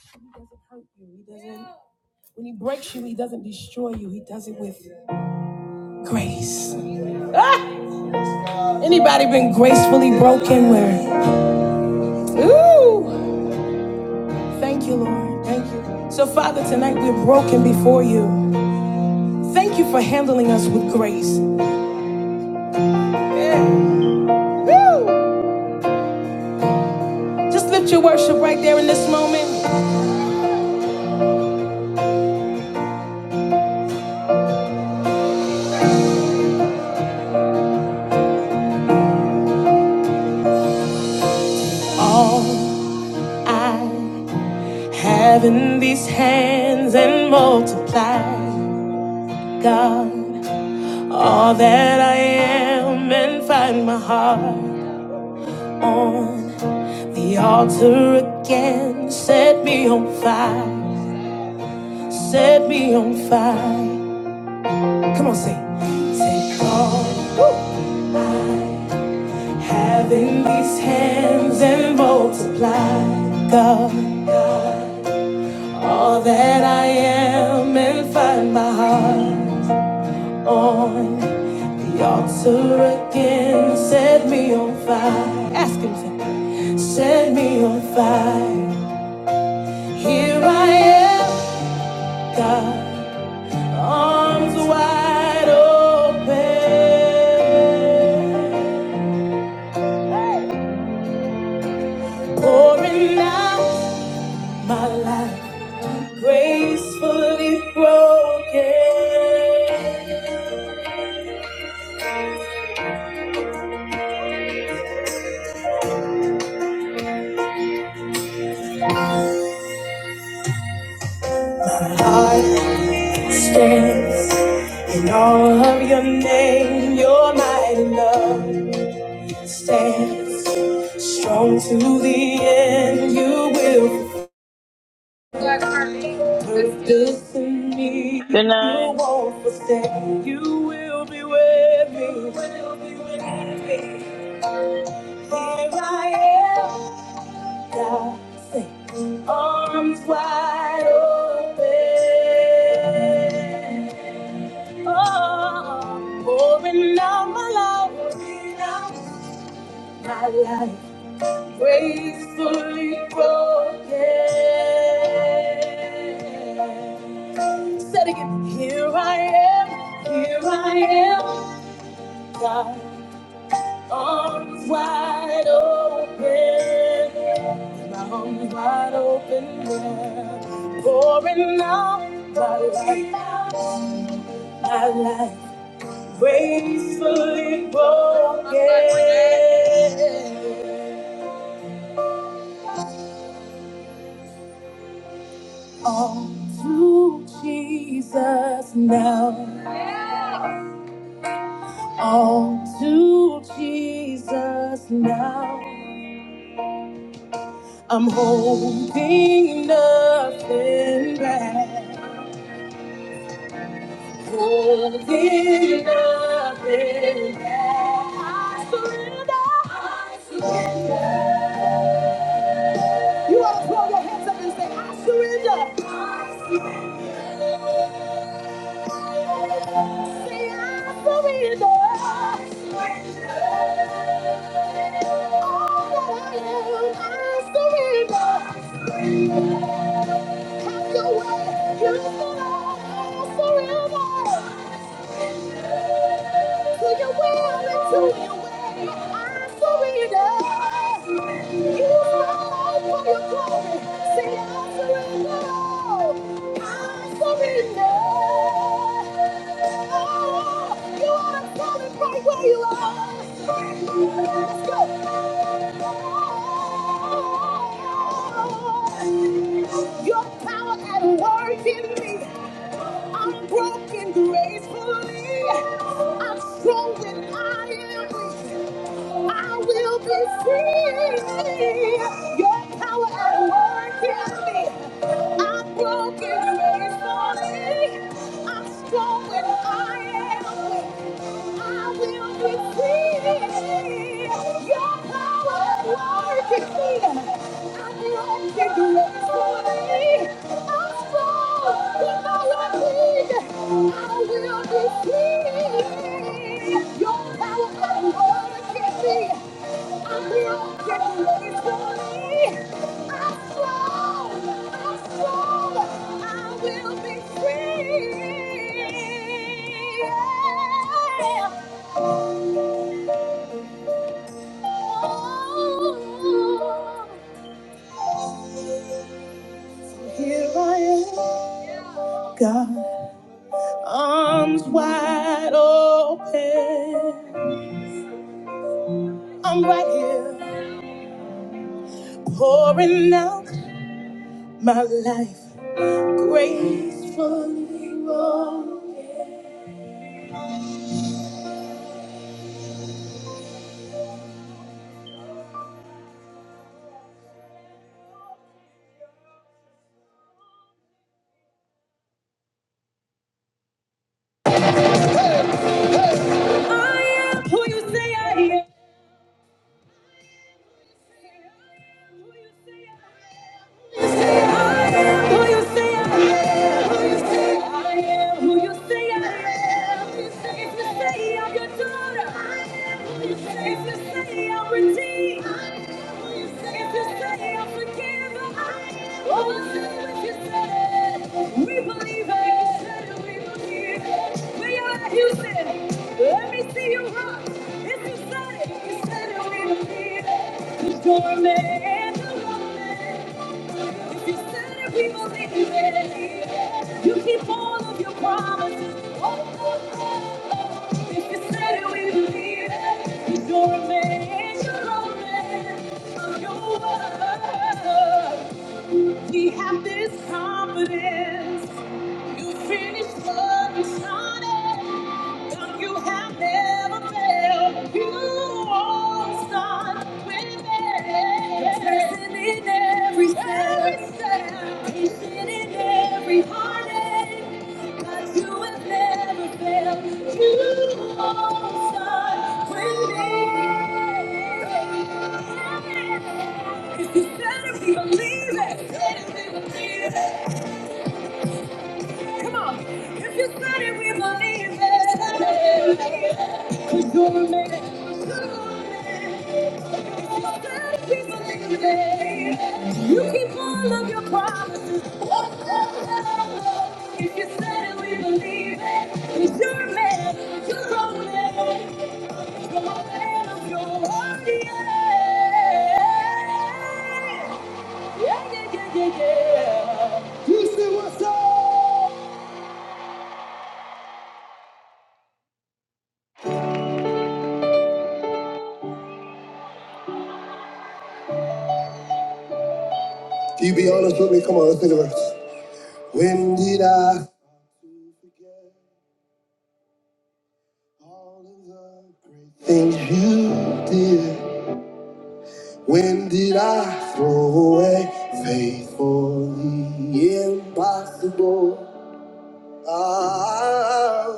He doesn't hurt you. He doesn't. When he breaks you, he doesn't destroy you. He does it with grace. Ah! Anybody been gracefully broken? Where? Ooh! Thank you, Lord. Thank you. So, Father, tonight we're broken before you. Thank you for handling us with grace. Yeah. Woo! Just lift your worship right there in this moment. All I have in these hands and multiply, God. All that I am and find my heart on the altar again. Set me on fire, set me on fire. Come on, sing. Take all I have in these hands and multiply, God. All that I am and find my heart. on the altar again. Set me on fire. Ask him to set me on fire. Here I am, God, arms wide open, pouring out my life gracefully broken. God stands in all of your name. Your mighty love stands strong to the end. You will purpose in me. Good You night. won't forsake. You will be with me. You will be with me. Here I am, God sings, arms wide open. Oh, pouring out my life, pouring out my life, gracefully broken. Said again, here I am, here I am, God, arms wide open, arms wide open, yeah. pouring out my life, my life. gracefully broken. All to Jesus now. All to Jesus now. I'm holding nothing back. Holding nothing back. I surrender. I surrender. You want to throw your hands up and say, I surrender. Say I surrender. All that I am, I surrender. Have your way. Beautiful Lord, forever. To your will and to your way. I surrender. You fall for your glory. Say, I surrender. all. I surrender. Oh, you are solid right where you are. Let's go. Your power at work in me. I'm broken gracefully. I'm strong when I am weak. I will be free. Your power at work in me. I'm broken gracefully. I'm strong when I am weak. I will receive your power working in me. I'm ready to do for me. I'm strong with my weak. I will receive your power working in me. Here I am, God, arms wide open. I'm right here, pouring out my life gracefully. broken. I am who you say I am. We believe it. We believe it. We are Houston. Let me see you rock. If you it, We believe it. The doorman and the woman. You said if we believe you keep all of your promises. Oh, oh, oh. oh. If you said it, we believe it. You don't remain, you don't remain. Your word. We have this confidence. You finished what you started. If You have never failed. You won't start with it. Blessed in every step, every step, patient in every heartache. 'Cause you have never failed. You won't start with it. If you said it, we believe it. If we believe it. Come on. If you said it, we believe it. Cause you're a man. If You You're keep all of your promises. Oh, oh, oh. If you said it, we believe it. Cause you're a man. You're a man. You're a man of your word. Yeah, yeah, yeah, yeah, yeah. yeah. You say what's up? Do you be honest with me? Come on, let's think about verse. When did I things you did? When did I throw away faith for the impossible? Ah,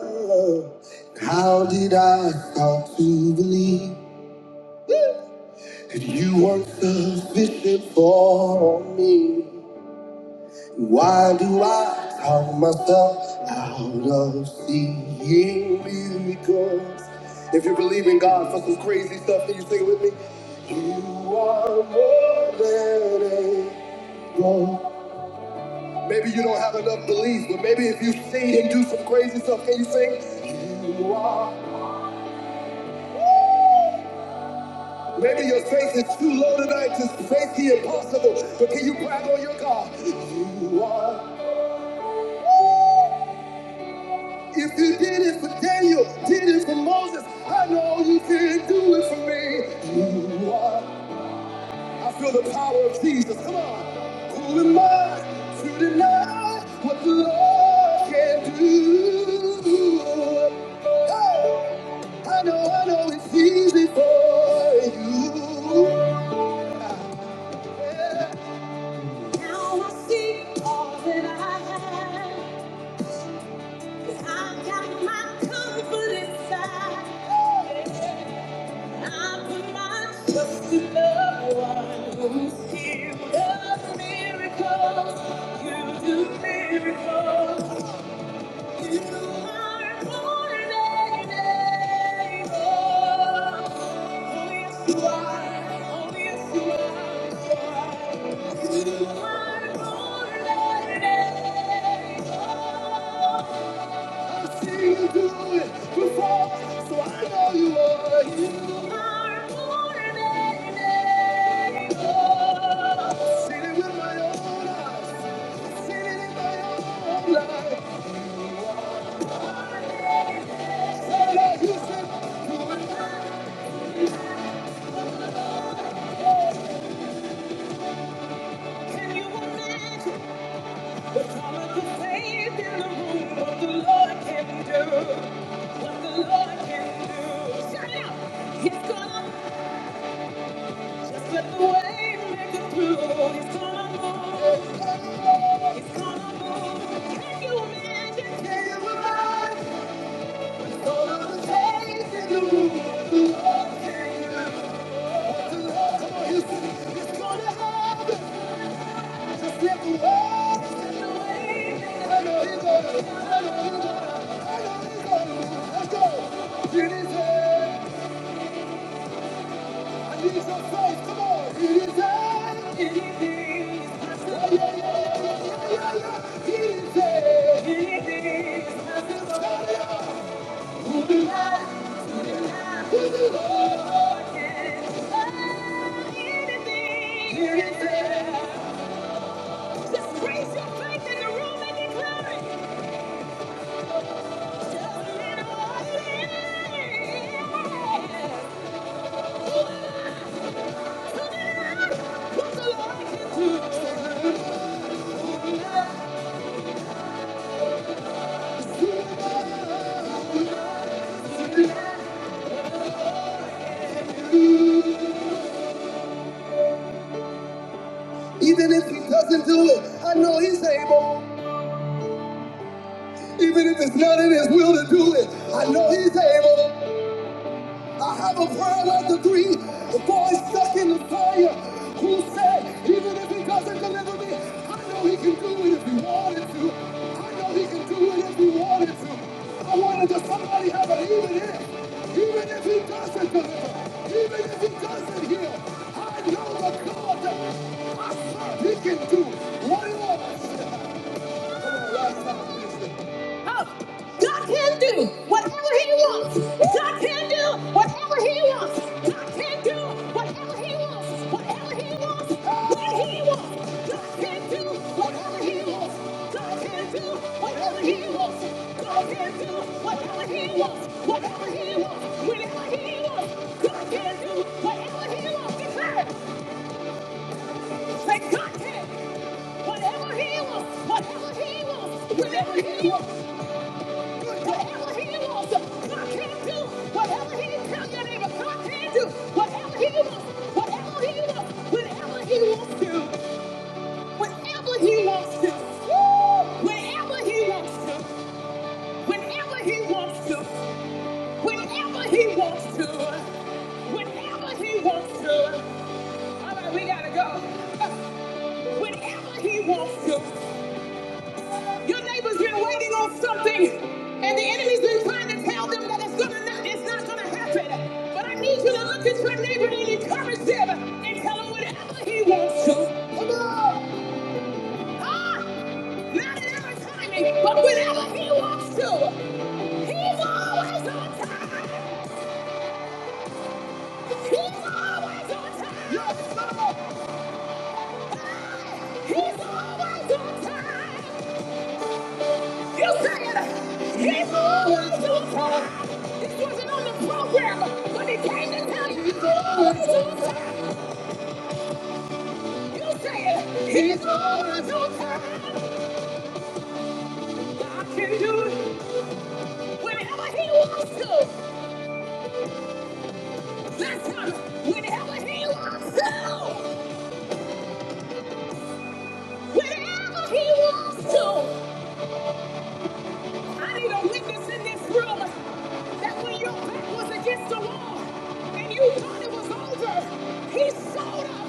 how did I start to believe that you weren't sufficient for me? Why do I count myself out of seeing miracles? If you believe in God for some crazy stuff, can you sing it with me? You are more than able. Maybe you don't have enough belief, but maybe if you see Him do some crazy stuff, can you sing? You are. Maybe your faith is too low tonight to face the impossible, but can you brag on your God? You are. If you did it for Daniel, did it for Moses, I know you can do it for me. You are. I feel the power of Jesus. Come on. Who am I to deny what the Lord can do? Hey, I know, I know it's easy for you. Now I see all that I have. 'Cause I got my confidence. back. Life. So like You are, you are more than enough. Seen it with my own eyes. Seen it in my own life. All I used to do Here it is. Just raise your faith in the room and declare it. Just let it in. all things. Even if he doesn't do it, I know he's able. Even if it's not in his will to do it, I know he's able. I have a prayer like the three boys stuck in the fire who said, even if he doesn't deliver me, I know he can do it if he wanted to. I know he can do it if he wanted to. I wanted to somebody have an even if. Even if he doesn't deliver, even if he doesn't heal, I know the God that I serve, he can do what he wants. Come on, last time, listen. Whatever he wants, whatever he wants, whenever he wants, God can do whatever he wants. Declare, say God can. Whatever he wants, whatever he wants, whenever he wants, whatever he wants, God can do whatever he tell your neighbor. God can do whatever he wants, whatever he wants, whenever he wants to, whenever he wants to, Woo! whenever he wants to, whenever he wants to. Whenever he wants to. Whenever he wants to. All right, we gotta go. Whenever he wants to. Your neighbor's been waiting on something, and the enemy's been trying to tell them that it's gonna not, it's not gonna happen. But I need you to look at your neighbor and encourage them and tell them whenever he wants to. Come on. Huh? Not in our timing, but whenever he wants to. He's always on time. He's always on time. God can do it whenever he wants to. That's Listen, whenever he wants to. Whenever he wants to. I need a witness in this room that when your back was against the wall and you thought it was over, he showed up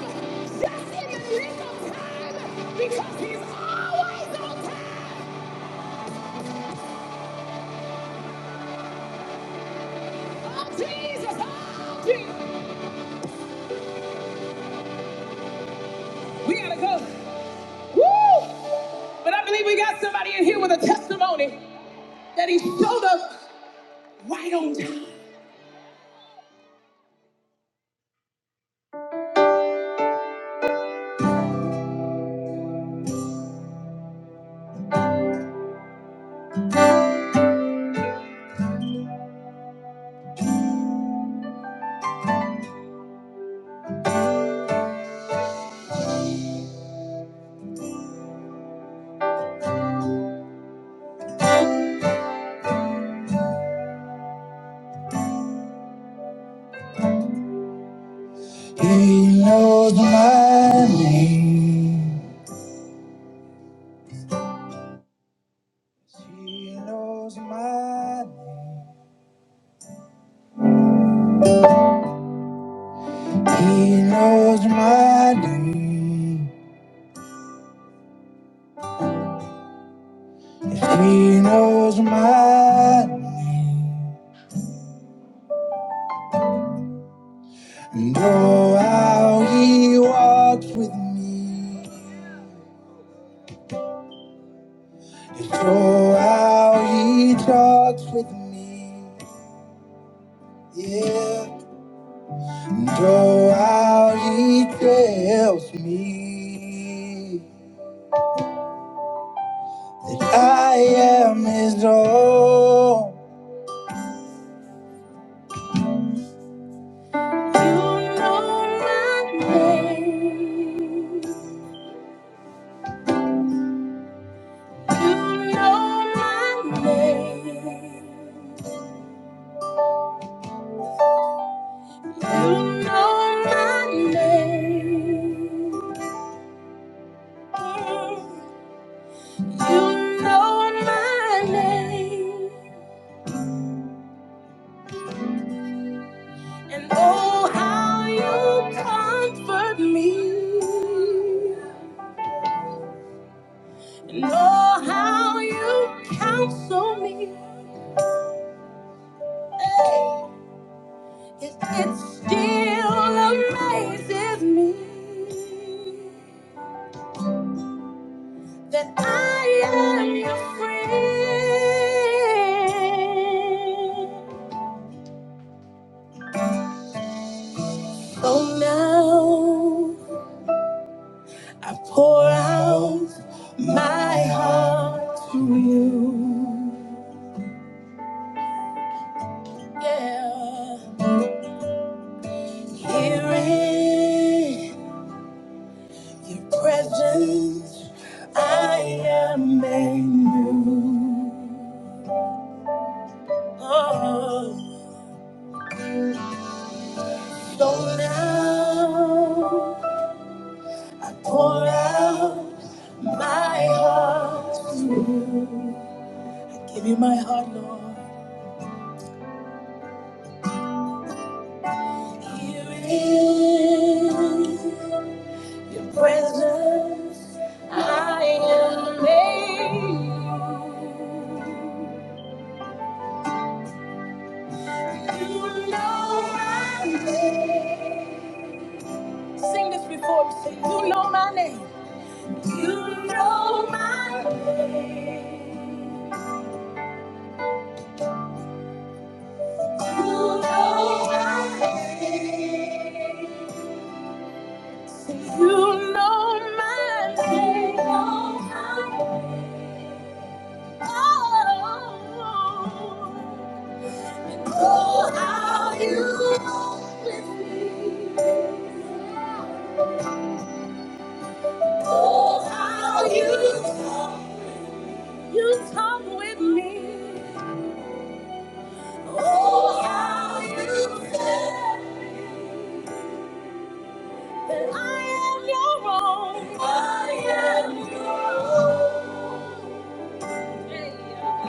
just in the nick of time because he's always on time. Oh, Jesus. Oh, Jesus. We gotta go. Woo! But I believe we got somebody in here with a testimony that he showed up right on time. He knows my name. He knows my name. He knows my name. Yes, he knows mine. And oh, how he walks with me. Yes, oh, how he talks with me. Yeah. And oh, how he tells me that I am his own. My name, your name. know my name. You know my name. And oh, how you comfort me. And oh, how you counsel me. Hey, It, it still amazes me that I am your friend. Oh, now I pour out my heart to you. Yeah, here in your presence, I am made new. Oh, so now I pour out my heart to you. Give you my heart, Lord. Here in Your presence, I am made. You know my name. Sing this before me. Say, you know my name. You know my name. You know my name. You know my name. Oh. Oh, how you walk with me. Oh, how you, you talk with me. Oh, how you said that I am your own. I am your own. Yeah.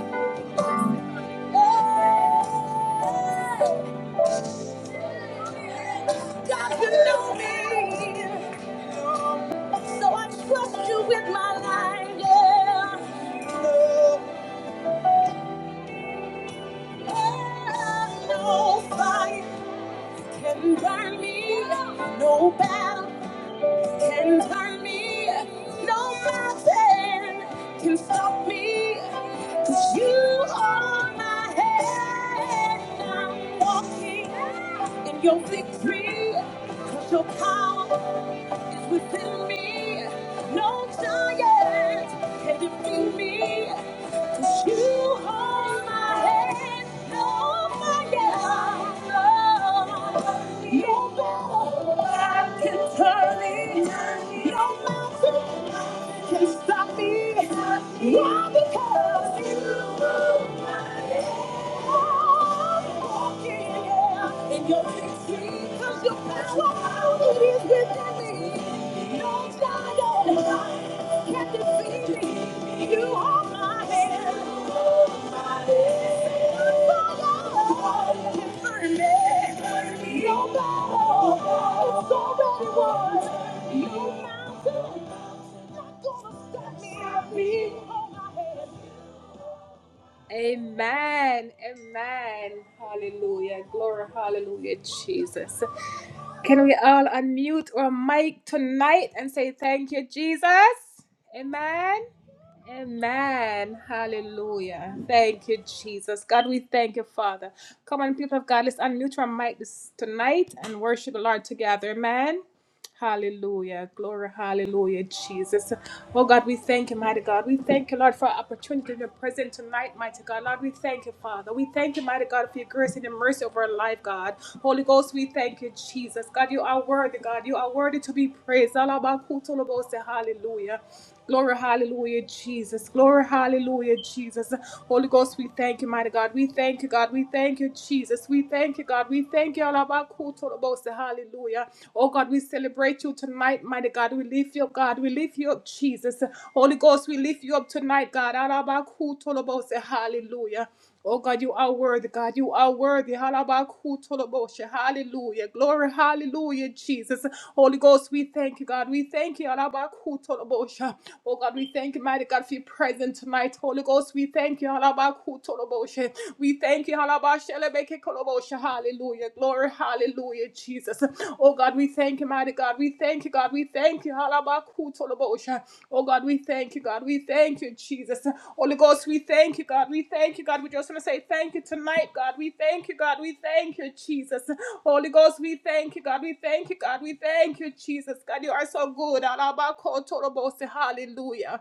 God, you know me. So I trust you with my life. Yeah. No fire can burn me. No battle can turn me. No mountain can stop me. Cause you are my head. I'm walking in your victory. Cause your power is within me. No giant can defeat me. 'Cause You hold my hand, no fire, no battle can turn it, no mountain can stop me. Why? Because you walking yeah, in your victory, 'cause your power it is within me. Don't Can't defeat me. You hold my hand. Hold my hand. Say goodbye. Confirm me. No battle. It's already won. Your mountain. Not gonna stop me. Hold my hand. Amen. Amen. Hallelujah. Glory. Hallelujah. Jesus. Can we all unmute our mic tonight and say thank you, Jesus? Amen. Amen. Hallelujah. Thank you, Jesus. God, we thank you, Father. Come on, people of God, let's unmute our mic this, tonight and worship the Lord together. Amen. Hallelujah. Glory, hallelujah, Jesus. Oh God, we thank you, mighty God. We thank you, Lord, for our opportunity to be present tonight, mighty God. Lord, we thank you, Father. We thank you, mighty God, for your grace and your mercy over our life, God. Holy Ghost, we thank you, Jesus. God, you are worthy, God. You are worthy to be praised. Hallelujah. Glory, hallelujah, Jesus. Glory, hallelujah, Jesus. Holy Ghost, we thank you, mighty God. We thank you, God. We thank you, Jesus. We thank you, God. We thank you, all about Hallelujah. Oh God, we celebrate you tonight, mighty God. We lift you up, God. We lift you up, Jesus. Holy Ghost, we lift you up tonight, God. Alabakutolobose. Hallelujah. Oh God, you are worthy, God. You are worthy. Halabakutoloboshe. Hallelujah. Glory, hallelujah, Jesus. Holy Ghost, we thank you, God. We thank you. Halabakutoloboshe. Oh God, we thank you, mighty God, for your presence tonight. Holy Ghost, we thank you. Halabakutoloboshe. We thank you. Halabashelebeke koloboshe. Hallelujah. Glory, hallelujah, Jesus. Oh God, we thank you, mighty God. We thank you, God. We thank you. Halabakutolobosha. Oh God, we thank you, God. We thank you, Jesus. Holy Ghost, we thank you, God. We thank you, God. We just want to say thank you tonight, God. We thank you, God. We thank you, Jesus. Holy Ghost, we thank you, God. We thank you, God. We thank you, Jesus. God, you are so good. Halabakutolobosha. Hallelujah.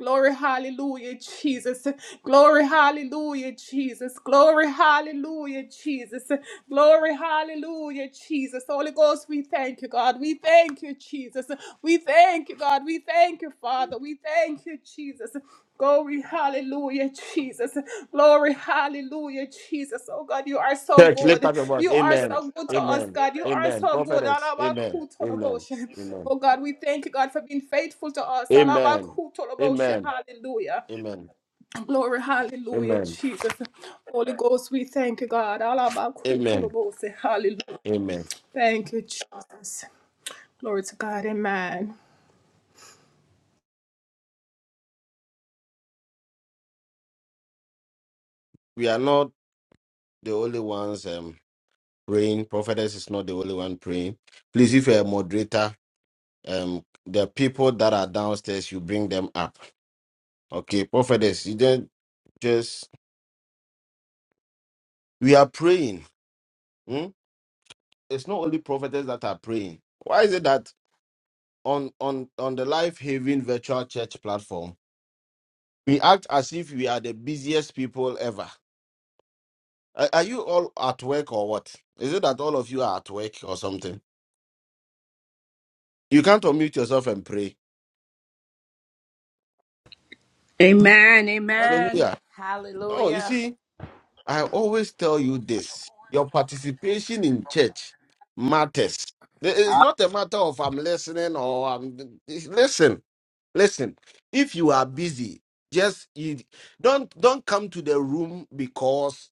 Glory, hallelujah, Jesus. Glory, hallelujah, Jesus. Glory, hallelujah, Jesus. Glory, hallelujah, Jesus. Holy Ghost, we thank you, God. We thank you, Jesus. We thank you, God. We thank you, Father. We thank you, Jesus. Glory, hallelujah, Jesus. Glory, hallelujah, Jesus. Oh God, you are so Church, lift good. up your voice. You are Amen. so good to us, Amen. God. You are Amen. so good. Prophetess. Amen. Amen. Alabakutolobosha. Amen. Oh God, we thank you, God, for being faithful to us. Amen. Alabakutolobosha. Amen. Hallelujah. Amen. Glory, hallelujah, Amen. Jesus. Holy Ghost, we thank you, God. Amen. Alabakutolobosha. Hallelujah. Amen. Thank you, Jesus. Glory to God. Amen. We are not the only ones um, praying. Prophetess is not the only one praying. Please, if you're a moderator, um, the people that are downstairs, you bring them up. Okay, prophetess, you don't just we are praying. hmm? It's not only prophetess that are praying. Why is it that on on on the Life Haven Virtual Church platform, we act as if we are the busiest people ever. Are, are you all at work or what? Is it that all of you are at work or something? You can't unmute yourself and pray. Amen. Amen. Hallelujah. No, you Hallelujah. see, I always tell you this: your participation in church matters. It- It's not a matter of I'm listening or I'm listen. Listen, if you are busy, just you don't don't come to the room because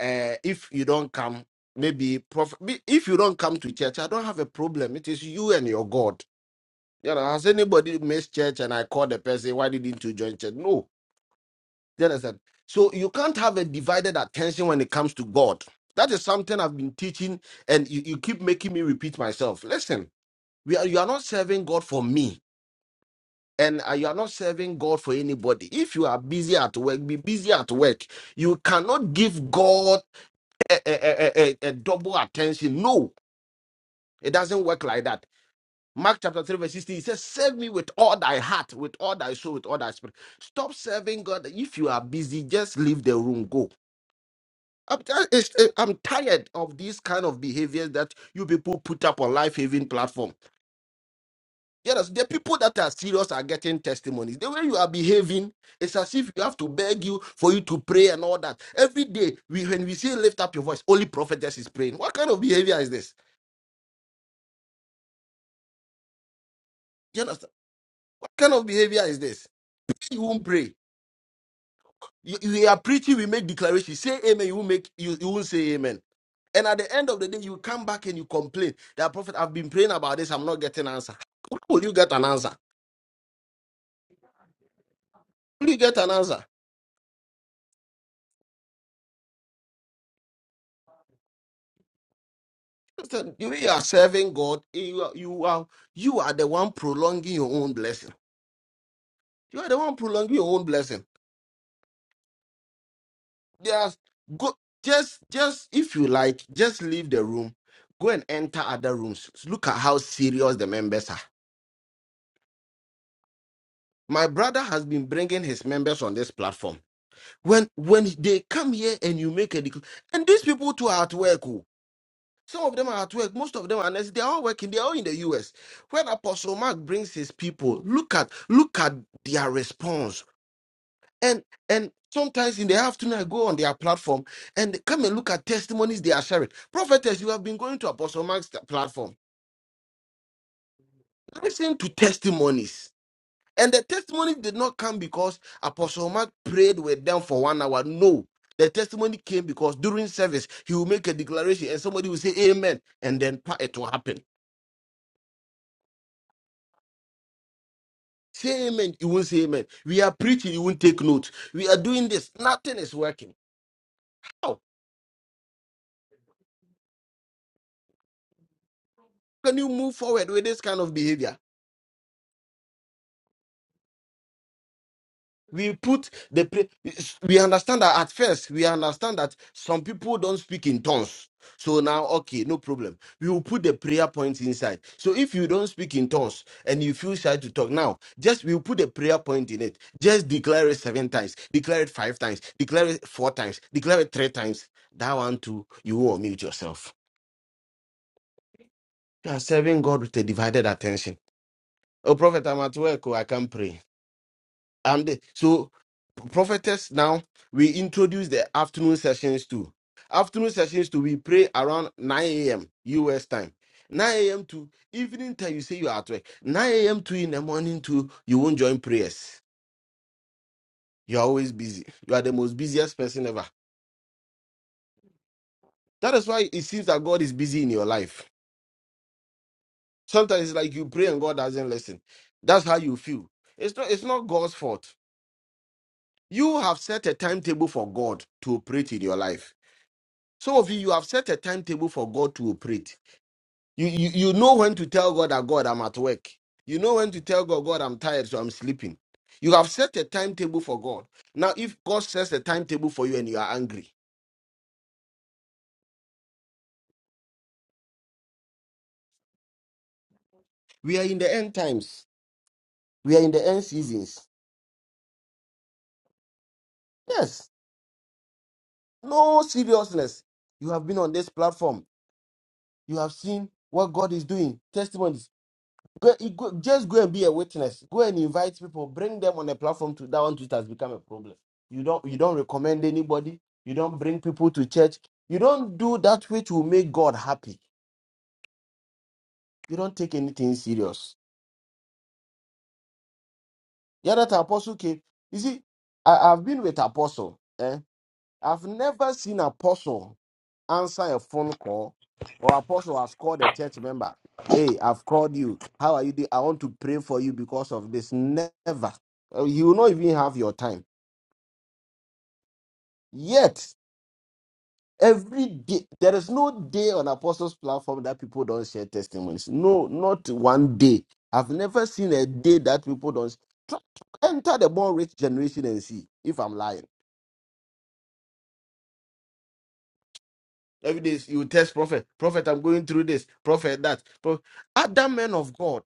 uh, if you don't come, maybe prof- be- if you don't come to church, I don't have a problem. It is you and your God. You know, has anybody missed church and I call the person, why didn't you join church? No. You understand? So you can't have a divided attention when it comes to God. That is something I've been teaching, and you, you keep making me repeat myself. Listen, we are, you are not serving God for me and uh, you are not serving God for anybody. If you are busy at work, be busy at work. You cannot give God a, a, a, a- a double attention. No, it doesn't work like that. Mark chapter 3, verse 16, he says, Serve me with all thy heart, with all thy soul, with all thy spirit. Stop serving God. If you are busy, just leave the room, go. I'm, ti- it's- I'm tired of these kind of behaviors that you people put up on Life Haven platform. Yes, the people that are serious are getting testimonies. The way you are behaving, it's as if you have to beg you for you to pray and all that. Every day, we when we say lift up your voice, only prophetess is praying. What kind of behavior is this? You understand? What kind of behavior is this? You won't pray. You, you are preaching, we make declarations. Say amen, you won't make you, you won't say amen. And at the end of the day, you come back and you complain that prophet, I've been praying about this, I'm not getting answer. How will you get an answer? Will you get an answer? Listen, you you are serving God. You are, you are you are the one prolonging your own blessing. You are the one prolonging your own blessing. Just go. Just just if you like, just leave the room. Go and enter other rooms. Look at how serious the members are. My brother has been bringing his members on this platform. When when they come here and you make a dec- and these people too are at work. oh, Some of them are at work. Most of them are nurses. They're all working. They're all in the US. When Apostle Mark brings his people, look at look at their response. And and sometimes in the afternoon, I go on their platform and come and look at testimonies they are sharing. Prophetess, you have been going to Apostle Mark's platform. Listen to testimonies. And the testimony did not come because Apostle Mark prayed with them for one hour. No. The testimony came because during service, he will make a declaration and somebody will say, Amen. And then pa- it will happen. Say amen, you won't say amen. We are preaching, you won't take notes. We are doing this, nothing is working. How can you move forward with this kind of behavior? We put the pre- we understand that at first we understand that some people don't speak in tongues. So now, okay, no problem. We will put the prayer points inside. So if you don't speak in tongues and you feel shy to talk now, just we'll put the prayer point in it. Just declare it seven times, declare it five times, declare it four times, declare it three times. That one too, you will unmute yourself You are serving God with a divided attention. Oh, prophet, I'm at work. Oh, I can't pray. I'm the, so prophetess. Now we introduce the afternoon sessions too. Afternoon sessions too. We pray around 9 a.m. U.S. time. 9 a.m. to evening time. You say you are at work. 9 a.m. to in the morning too. You won't join prayers. You are always busy. You are the most busiest person ever. That is why it seems that God is busy in your life. Sometimes it's like you pray and God doesn't listen. That's how you feel. It's not. It's not God's fault You have set a timetable for God to operate in your life. Some of you, you have set a timetable for God to operate. You, you, you know when to tell God that God, I'm at work. You know when to tell God, God, I'm tired, so I'm sleeping. You have set a timetable for God. Now, if God sets a timetable for you and you are angry, we are in the end times, we are in the end seasons. Yes, no seriousness. You have been on this platform, you have seen what God is doing, testimonies. Go, you go- just go and be a witness. Go and invite people. Bring them on a platform to that one. It has become a problem. You don't you don't recommend anybody. You don't bring people to church. You don't do that which will make God happy. You don't take anything serious. Yeah, that apostle came. You see, I, I've been with apostle. Eh? I've never seen apostle answer a phone call, or apostle has called a church member. Hey, I've called you. How are you? doing? I want to pray for you because of this. Never. Uh, You will not even have your time. Yet, every day, there is no day on Apostles' platform that people don't share testimonies. No, not one day. I've never seen a day that people don't. Try to enter the born rich generation and see if I'm lying. Every day you test prophet, prophet, I'm going through this, prophet, that. Pro- Other men of God,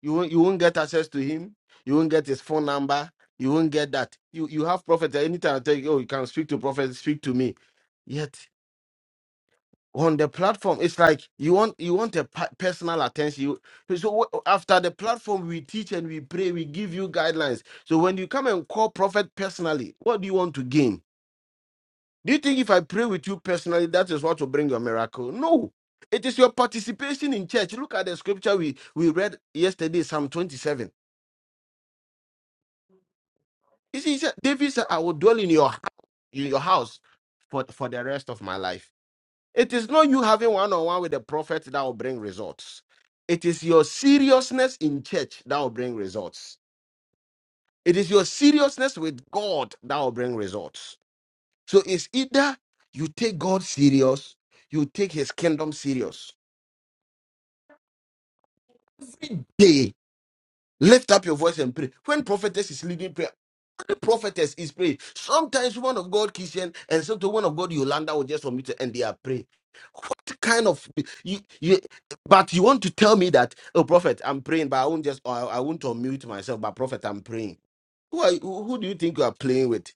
you, won't- you won't get access to him, you won't get his phone number, you won't get that. You you have prophet, anytime I tell you, oh, you can speak to prophet, speak to me. Yet on the platform it's like you want you want a pa- personal attention you, so wh- after the platform we teach and we pray we give you guidelines so when you come and call prophet personally what do you want to gain do you think if i pray with you personally that is what will bring your miracle no it is your participation in church look at the scripture we we read yesterday psalm 27 you see he said, david said i will dwell in your hou- in your house for for the rest of my life It is not you having one on one with the prophet that will bring results. It is your seriousness in church that will bring results. It is your seriousness with God that will bring results. So it's either you take God serious, you take his kingdom serious. Every day, lift up your voice and pray. When prophetess is leading prayer, prophetess is praying. Sometimes woman of God Christian and sometimes woman of God Yolanda will just submit and they are praying. What kind of you you but you want to tell me that oh prophet I'm praying but I won't just I, I won't unmute myself but prophet I'm praying. Who are you, who who do you think you are playing with?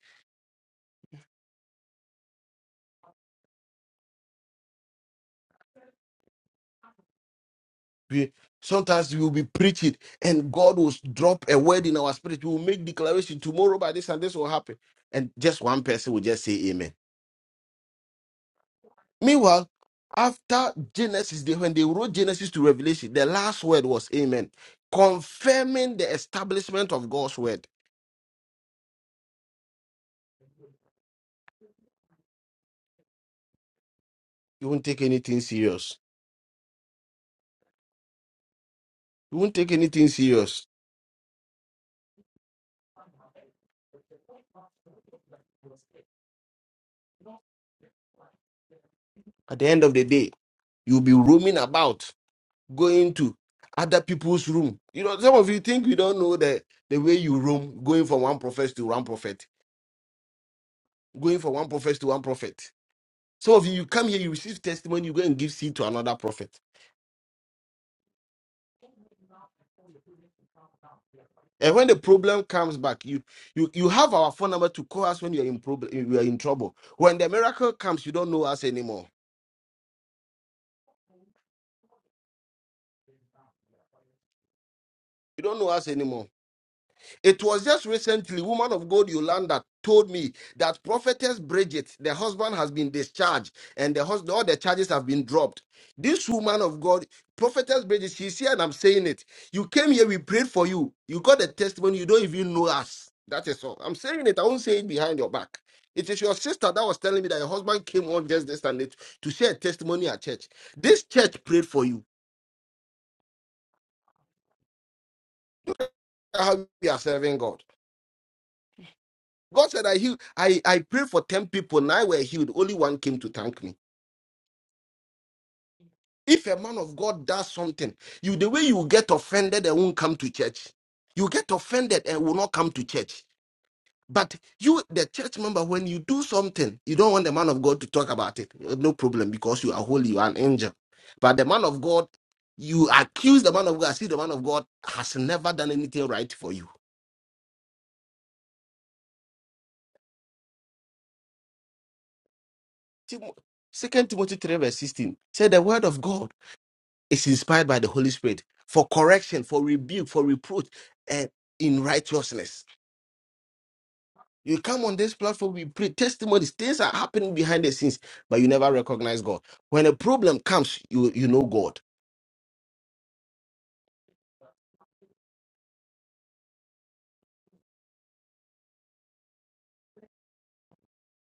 We- Sometimes we will be preaching and God will drop a word in our spirit. We will make declaration tomorrow by this and this will happen. And just one person will just say amen Meanwhile, after Genesis, they, when they wrote Genesis to Revelation, the last word was Amen, confirming the establishment of God's word. You won't take anything serious. You won't take anything serious. At the end of the day, you'll be roaming about, going to other people's room. You know, some of you think you don't know the, the way you roam, going from one prophet to one prophet, going from one prophet to one prophet. Some of you, you come here, you receive testimony, you go and give seed to another prophet. And when the problem comes back, you you you have our phone number to call us when you're in problem, you are in trouble. When the miracle comes, you don't know us anymore. You don't know us anymore. It was just recently, woman of God Yolanda told me that prophetess Bridget, the husband has been discharged and the husband, all the charges have been dropped. This woman of God, prophetess Bridget, she's here and I'm saying it. You came here, we prayed for you. You got a testimony, you don't even know us. That is all. I'm saying it, I won't say it behind your back. It is your sister that was telling me that your husband came on just this and it to share a testimony at church. This church prayed for you. That's How we are serving God. God said, I healed, I, I prayed for 10 people, nine were healed, only one came to thank me. If a man of God does something, you the way you get offended and won't come to church. You get offended and will not come to church. But you, the church member, when you do something, you don't want the man of God to talk about it. No problem, because you are holy, you are an angel. But the man of God, you accuse the man of God, see the man of God has never done anything right for you. Second Timothy 3, verse 16. Say the word of God. is inspired by the Holy Spirit for correction, for rebuke, for reproach, and in righteousness. You come on this platform, we pray testimonies. Things are happening behind the scenes, but you never recognize God. When a problem comes, you you know God.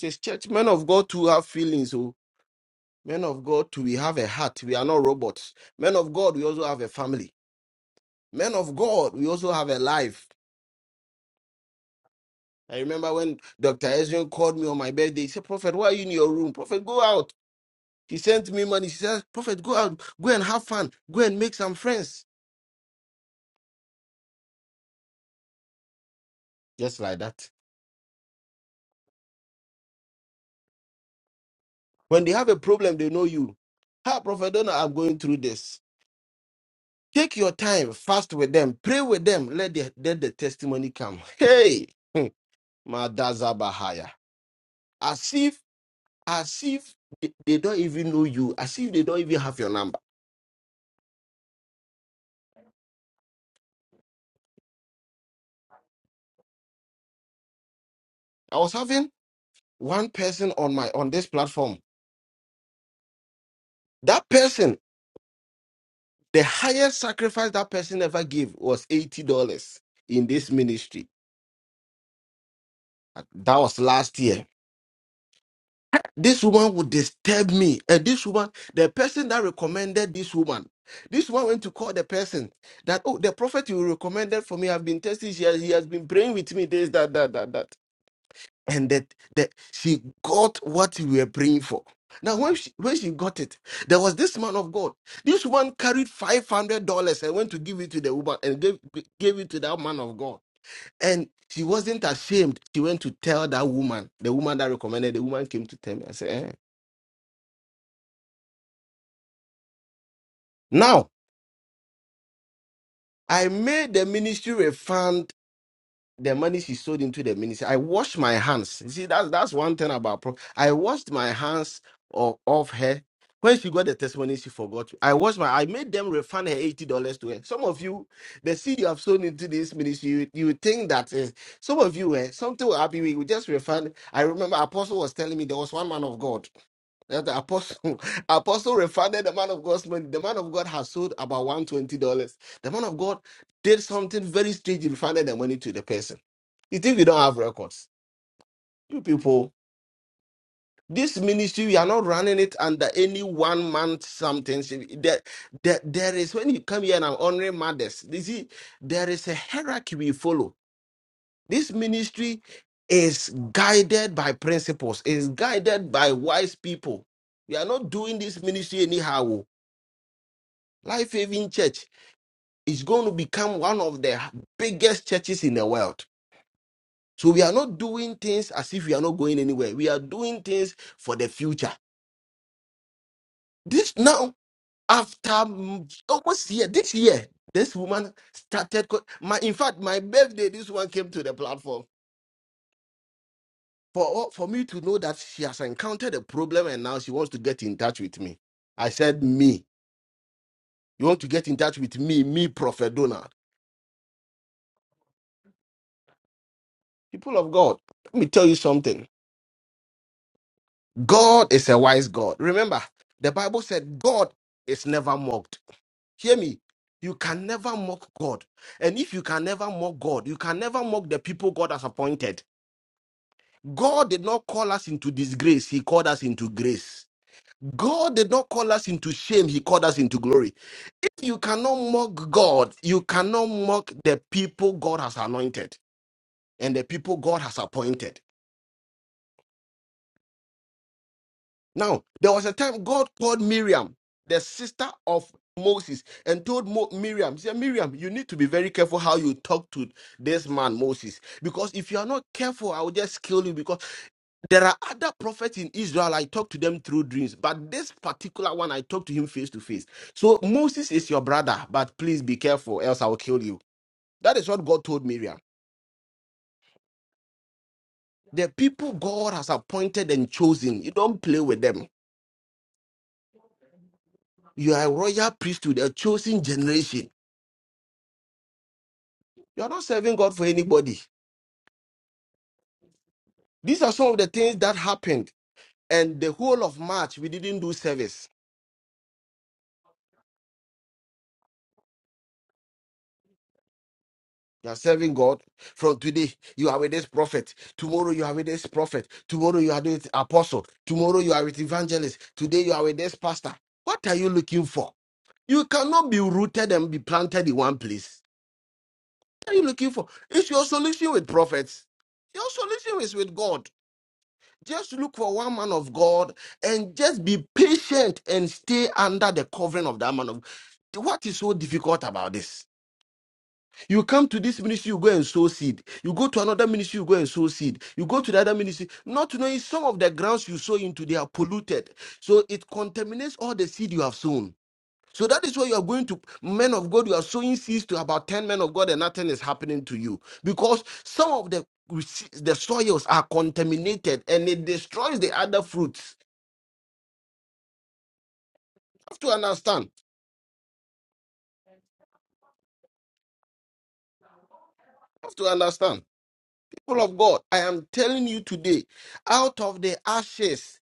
Says church, men of God too have feelings. Oh, men of God too, we have a heart. We are not robots. Men of God, we also have a family. Men of God, we also have a life. I remember when Dr. Ezrin called me on my birthday. He said, Prophet, why are you in your room? Prophet, go out. She sent me money. She says, Prophet, go out, go and have fun, go and make some friends. Just like that. When they have a problem, they know you. Hi, Prophet Don't know. I'm going through this. Take your time, fast with them, pray with them, let the, let the testimony come. Hey, hmm, Madazabahaya. As if, as if they they don't even know you, as if they don't even have your number. I was having one person on my on this platform. That person The highest sacrifice that person ever gave was $80 in this ministry. That was last year. This woman would disturb me. And this woman, the person that recommended this woman, this one went to call the person that, oh, the prophet you recommended for me i have been testing. She has, he has been praying with me, this, that, that, that, that. and that that she got what we were praying for. Now, when she when she got it, there was this man of God. This one carried five hundred dollars and went to give it to the woman and gave gave it to that man of God. And she wasn't ashamed. She went to tell that woman, the woman that recommended. The woman came to tell me. I said, eh. "Now I made the ministry refund the money she sold into the ministry. I washed my hands. You see, that's that's one thing about pro- I washed my hands of, of her. When she got the testimony, she forgot. I washed my. I made them refund her eighty dollars to her. Some of you, the seed you have sown into this ministry, you, you think that is some of you, eh, something will happen. We will just refund. I remember Apostle was telling me there was one man of God. That's the apostle. Apostle refunded the man of God's money. The man of God has sold about one hundred twenty dollars. The man of God did something very strange. He refunded the money to the person. You think we don't have records? You people, this ministry we are not running it under any one month something. See, There, there, there is when you come here and I'm honoring mothers. You see, there is a hierarchy we follow. This ministry is guided by principles. Is guided by wise people. We are not doing this ministry anyhow. Life Having Church is going to become one of the biggest churches in the world. So we are not doing things as if we are not going anywhere. We are doing things for the future. This now, after mm, almost year, this year, this woman started. co- My, in fact, my birthday, this one came to the platform for for me to know that she has encountered a problem and now she wants to get in touch with me. I said, me, you want to get in touch with me, me, Prophet Donald, people of God. Let me tell you something. God is a wise God. Remember, the Bible said God is never mocked. Hear me. You can never mock God. And if you can never mock God, you can never mock the people God has appointed. God did not call us into disgrace, He called us into grace. God did not call us into shame, He called us into glory. If you cannot mock God, you cannot mock the people God has anointed and the people God has appointed. Now, there was a time God called Miriam, the sister of Moses, and told Mo- Miriam, "Say, Miriam, you need to be very careful how you talk to this man, Moses, because if you are not careful, I will just kill you. Because there are other prophets in Israel, I talk to them through dreams, but this particular one, I talk to him face to face. So, Moses is your brother, but please be careful, else I will kill you. That is what God told Miriam. The people God has appointed and chosen, you don't play with them. You are a royal priesthood, a chosen generation You're not serving God for anybody. These are some of the things that happened. And the whole of March, we didn't do service. You are serving God. From today, you are with this prophet. Tomorrow, you are with this prophet. Tomorrow, you are with apostle. Tomorrow, you are with evangelist. Today, you are with this pastor. What are you looking for? You cannot be rooted and be planted in one place. What are you looking for? It's your solution with prophets. Your solution is with God. Just look for one man of God and just be patient and stay under the covering of that man of God. What is so difficult about this? You come to this ministry, you go and sow seed. You go to another ministry, you go and sow seed. You go to the other ministry, not knowing some of the grounds you sow into, they are polluted. So it contaminates all the seed you have sown. So that is why you are going to men of God. You are sowing seeds to about 10 men of God, and nothing is happening to you because some of the the soils are contaminated and it destroys the other fruits. You have to understand. You have to understand. People of God, I am telling you today, out of the ashes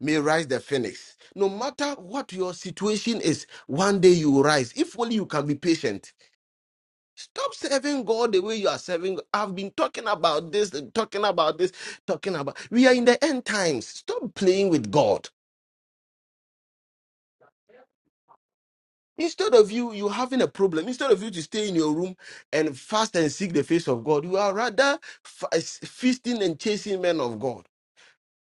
may rise the phoenix. No matter what your situation is, one day you will rise. If only you can be patient Stop serving God the way you are serving. God. I've been talking about this, talking about this, talking about. We are in the end times. Stop playing with God. Instead of you, you having a problem. Instead of you to stay in your room and fast and seek the face of God, you are rather fa- feasting and chasing men of God.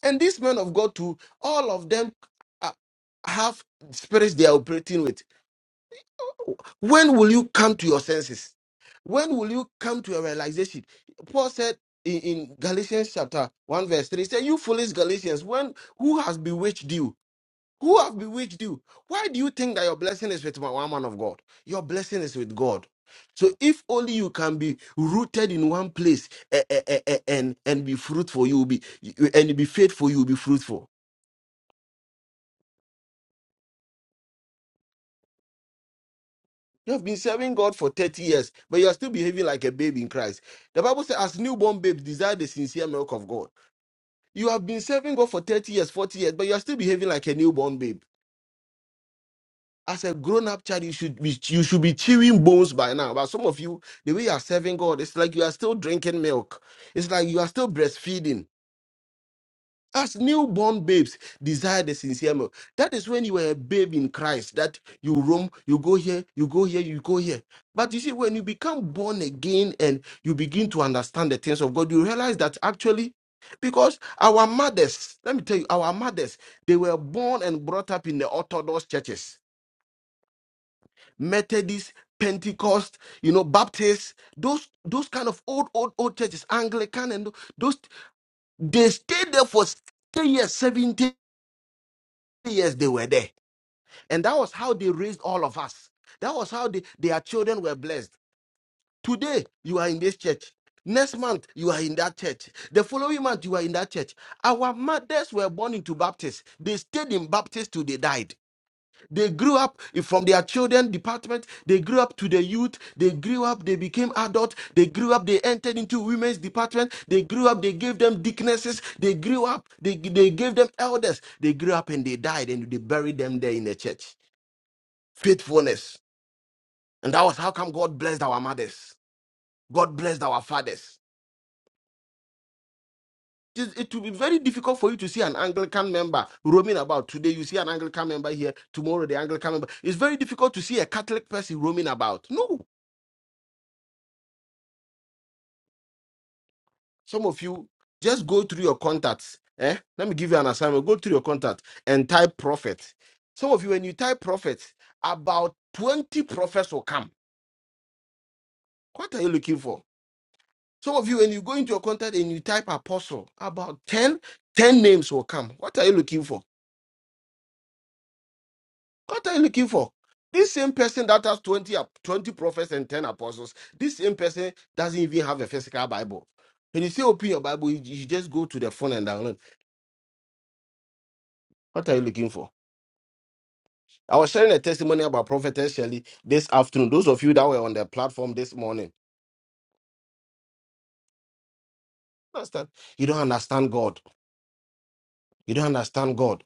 And these men of God, too, all of them uh, have spirits they are operating with. When will you come to your senses? When will you come to a realization? Paul said in, in Galatians chapter 1, verse 3, he said, You foolish Galatians, when who has bewitched you? Who have bewitched you? Why do you think that your blessing is with one man of God? Your blessing is with God. So if only you can be rooted in one place eh, eh, eh, eh, and and be fruitful, you will be you- and be faithful, you will be fruitful. You have been serving God for 30 years, but you are still behaving like a babe in Christ. The Bible says, as newborn babes desire the sincere milk of God. You have been serving God for 30 years, 40 years, but you are still behaving like a newborn babe. As a grown-up child, you should be you should be chewing bones by now. But some of you, the way you are serving God, it's like you are still drinking milk. It's like you are still breastfeeding. As newborn babes, desire the sincere milk. That is when you were a babe in Christ, that you roam, you go here, you go here, you go here. But you see, when you become born again and you begin to understand the things of God, you realize that actually, because our mothers, let me tell you, our mothers, they were born and brought up in the Orthodox churches, Methodist, Pentecost, you know, Baptist, those those kind of old, old, old churches, Anglican, and those, they stayed there for 10 years, 17 years they were there. And that was how they raised all of us. That was how they, their children were blessed. Today, you are in this church. Next month, you are in that church. The following month, you are in that church. Our mothers were born into Baptists. They stayed in Baptists till they died. They grew up from their children department. They grew up to the youth. They grew up. They became adult. They grew up. They entered into women's department. They grew up. They gave them deaconesses. They grew up. They, they gave them elders. They grew up and they died and they buried them there in the church. Faithfulness. And that was how come God blessed our mothers. God blessed our fathers. It it will be very difficult for you to see an Anglican member roaming about. Today you see an Anglican member here. Tomorrow the Anglican member. It's very difficult to see a Catholic person roaming about. No Some of you just go through your contacts. Eh? Let me give you an assignment. Go through your contact and type prophet. Some of you, when you type prophet, about 20 prophets will come. What are you looking for? Some of you, when you go into your contact and you type apostle, about 10 10 names will come. What are you looking for? What are you looking for? This same person that has 20, ap- 20 prophets and 10 apostles, this same person doesn't even have a physical Bible. When you say open your Bible, you you just go to the phone and download. What are you looking for? I was sharing a testimony about Prophetess Shelley this afternoon. Those of you that were on the platform this morning, understand? You don't understand God. You don't understand God.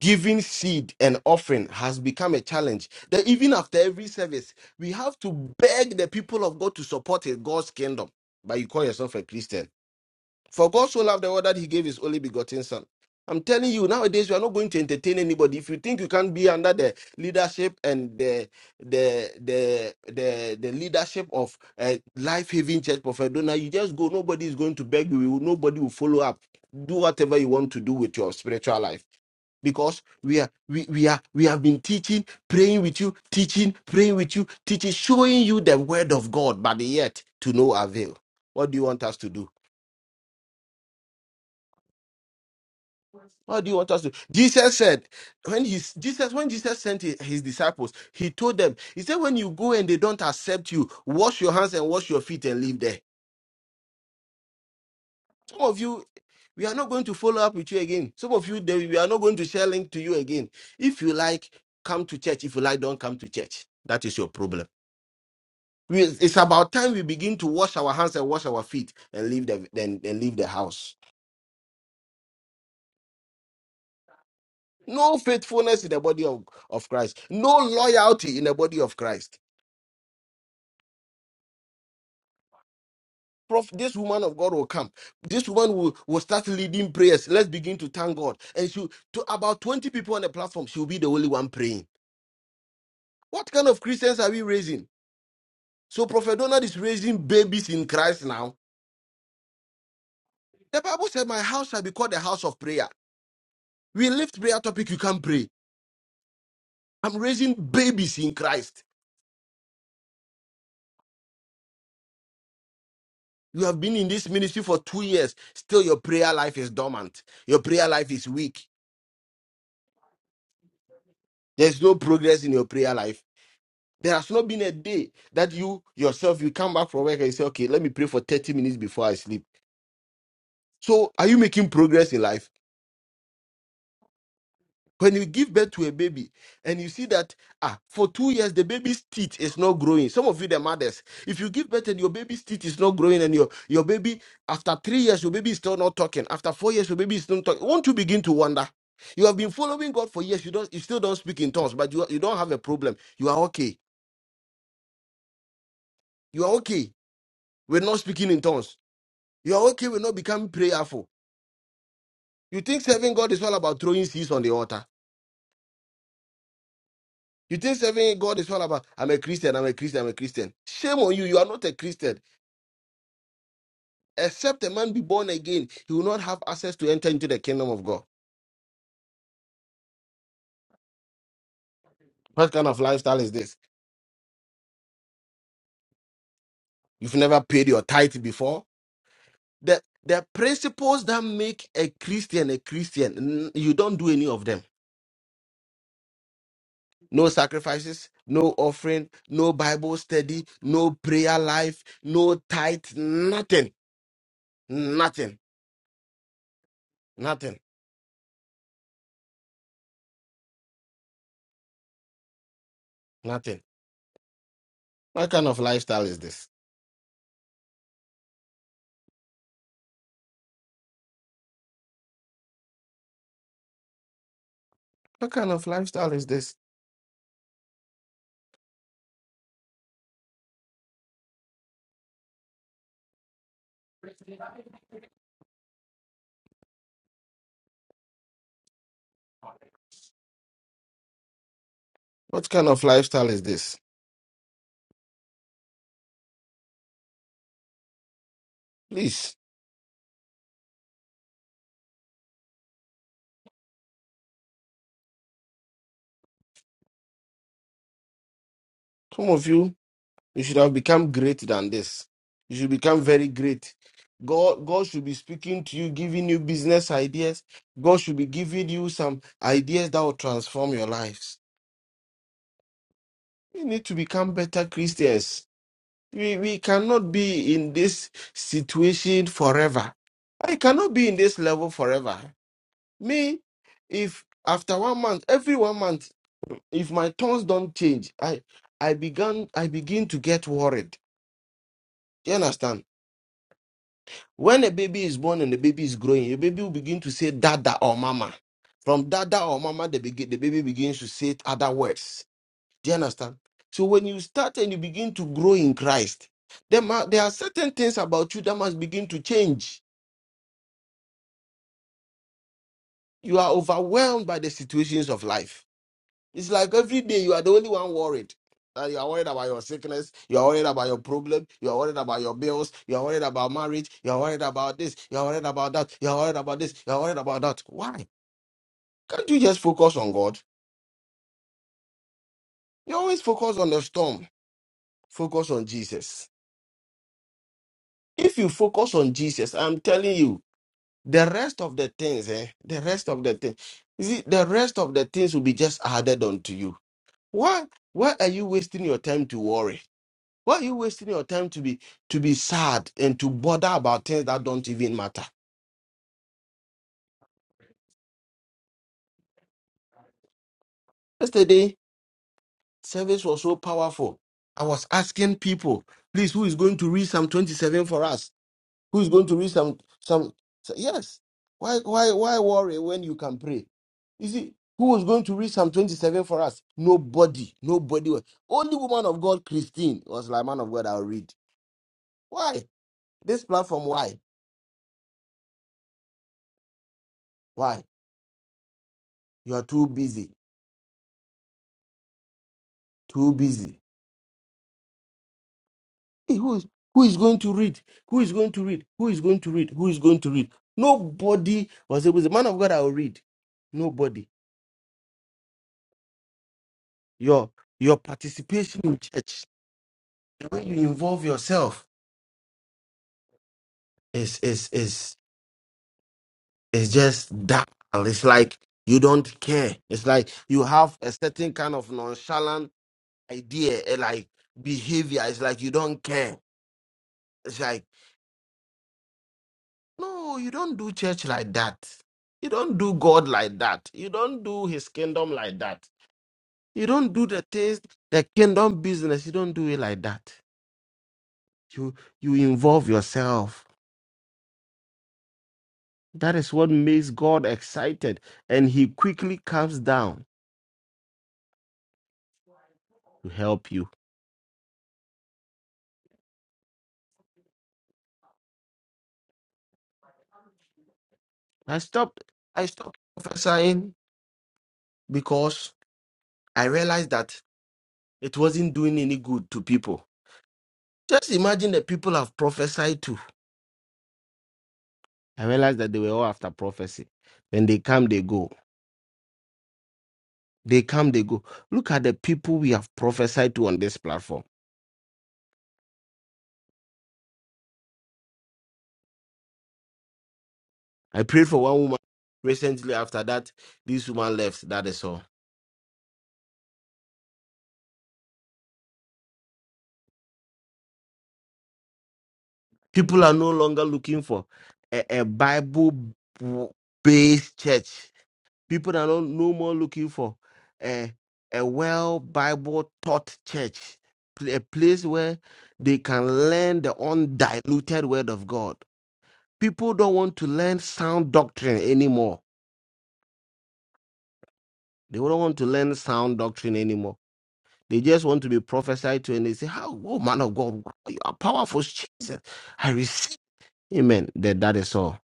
Giving seed and offering has become a challenge. That even after every service, we have to beg the people of God to support in God's kingdom. But you call yourself a Christian. For God so loved the world that he gave his only begotten son. I'm telling you, nowadays we are not going to entertain anybody. If you think you can be under the leadership and the the the the, the leadership of uh, Life Haven Church Prophet Donor, you just go. Nobody is going to beg you. You- will- Nobody will follow up. Do whatever you want to do with your spiritual life. Because we are we, we are we have been teaching, praying with you, teaching, praying with you, teaching, showing you the word of God, but yet to no avail. What do you want us to do? How do you want us to? Jesus said, when he Jesus, when Jesus sent his, his disciples, he told them, he said, when you go and they don't accept you, wash your hands and wash your feet and leave there. Some of you, we are not going to follow up with you again. Some of you, they, we are not going to share link to you again. If you like, come to church. If you like, don't come to church. That is your problem. We- it's about time we begin to wash our hands and wash our feet and leave the then and leave the house. No faithfulness in the body of, of Christ. No loyalty in the body of Christ prof- this woman of God will come. This woman will, will start leading prayers. Let's begin to thank God. And she to about 20 people on the platform, she'll be the only one praying. What kind of Christians are we raising? So Prophet Donald is raising babies in Christ now. The Bible said, My house shall be called the house of prayer. We lift prayer topic, you can pray. I'm raising babies in Christ. You have been in this ministry for two years. Still, your prayer life is dormant. Your prayer life is weak. There's no progress in your prayer life There has not been a day that you yourself you come back from work and you say, okay, let me pray for 30 minutes before I sleep. So are you making progress in life? When you give birth to a baby and you see that ah, for two years the baby's teeth is not growing. Some of you the mothers, if you give birth and your baby's teeth is not growing and your, your baby after three years, your baby is still not talking. After four years, your baby is still not talking. Won't you begin to wonder? You have been following God for years. You don't you still don't speak in tongues, but you, you don't have a problem. You are okay. You are okay. We're not speaking in tongues. Your okay will not become prayerful. You think serving God is all about throwing seeds on the altar. You think serving God is all about, I'm a Christian, I'm a Christian, I'm a Christian. Shame on you, you are not a Christian. Except a man be born again, he will not have access to enter into the kingdom of God. What kind of lifestyle is this? You've never paid your tithe before? The, the principles that make a Christian a Christian, n- you don't do any of them. No sacrifices, no offering, no Bible study, no prayer life, no tithe, nothing, nothing. Nothing. Nothing. What kind of lifestyle is this? What kind of lifestyle is this? What kind of lifestyle is this? Please, some of you, you should have become greater than this. You should become very great. God, God should be speaking to you, giving you business ideas. God should be giving you some ideas that will transform your lives. You need to become better Christians. We, we cannot be in this situation forever. I cannot be in this level forever. Me, if after one month, every one month, if my tones don't change, I I began I begin to get worried. Do you understand? When a baby is born and the baby is growing, your baby will begin to say dada or mama. From dada or mama, the, begin, the baby begins to say other words. Do you understand? So when you start and you begin to grow in Christ, there, ma- there are certain things about you that must begin to change. You are overwhelmed by the situations of life It's like every day you are the only one worried. Uh, you are worried about your sickness. You are worried about your problem. You are worried about your bills. You are worried about marriage. You are worried about this. You are worried about that. You are worried about this. You are worried about that. Why? Can't you just focus on God? You always focus on the storm. Focus on Jesus. If you focus on Jesus, I'm telling you, the rest of the things, eh? The rest of the things. You see, the rest of the things will be just added onto you. Why? Why are you wasting your time to worry? Why are you wasting your time to be to be sad and to bother about things that don't even matter? Yesterday, service was so powerful. I was asking people, please, who is going to read Psalm 27 for us? Who is going to read some some so- yes? Why why why worry when you can pray? You see, who was going to read Psalm 27 for us? Nobody. Nobody was. Only woman of God, Christine, was like, man of God, I'll read. Why? This platform, why? Why? You are too busy. Too busy Hey, who is who is going to read? Who is going to read? Who is going to read? Who is going to read? Nobody was able. The man of God, I will read. Nobody. Your your participation in church, the way you involve yourself, is is is is just dull. It's like you don't care. It's like you have a certain kind of nonchalant idea, eh, like behavior. It's like you don't care. It's like. No, you don't do church like that. You don't do God like that. You don't do his kingdom like that. You don't do the things, the kingdom business. You don't do it like that. You you involve yourself. That is what makes God excited. And he quickly comes down to help you. I stopped I stopped prophesying because I realized that it wasn't doing any good to people. Just imagine the people I've prophesied to. I realized that they were all after prophecy. When they come, they go. They come, they go. Look at the people we have prophesied to on this platform. I prayed for one woman recently. After that, this woman left. That is all. People are no longer looking for a, a Bible based church. People are no, no more looking for a, a well Bible taught church, pl- a place where they can learn the undiluted word of God People don't want to learn sound doctrine anymore. They don't want to learn sound doctrine anymore. They just want to be prophesied to and they say, How, oh man of God, wow, you are powerful. Jesus, I receive. Amen. That, that is all.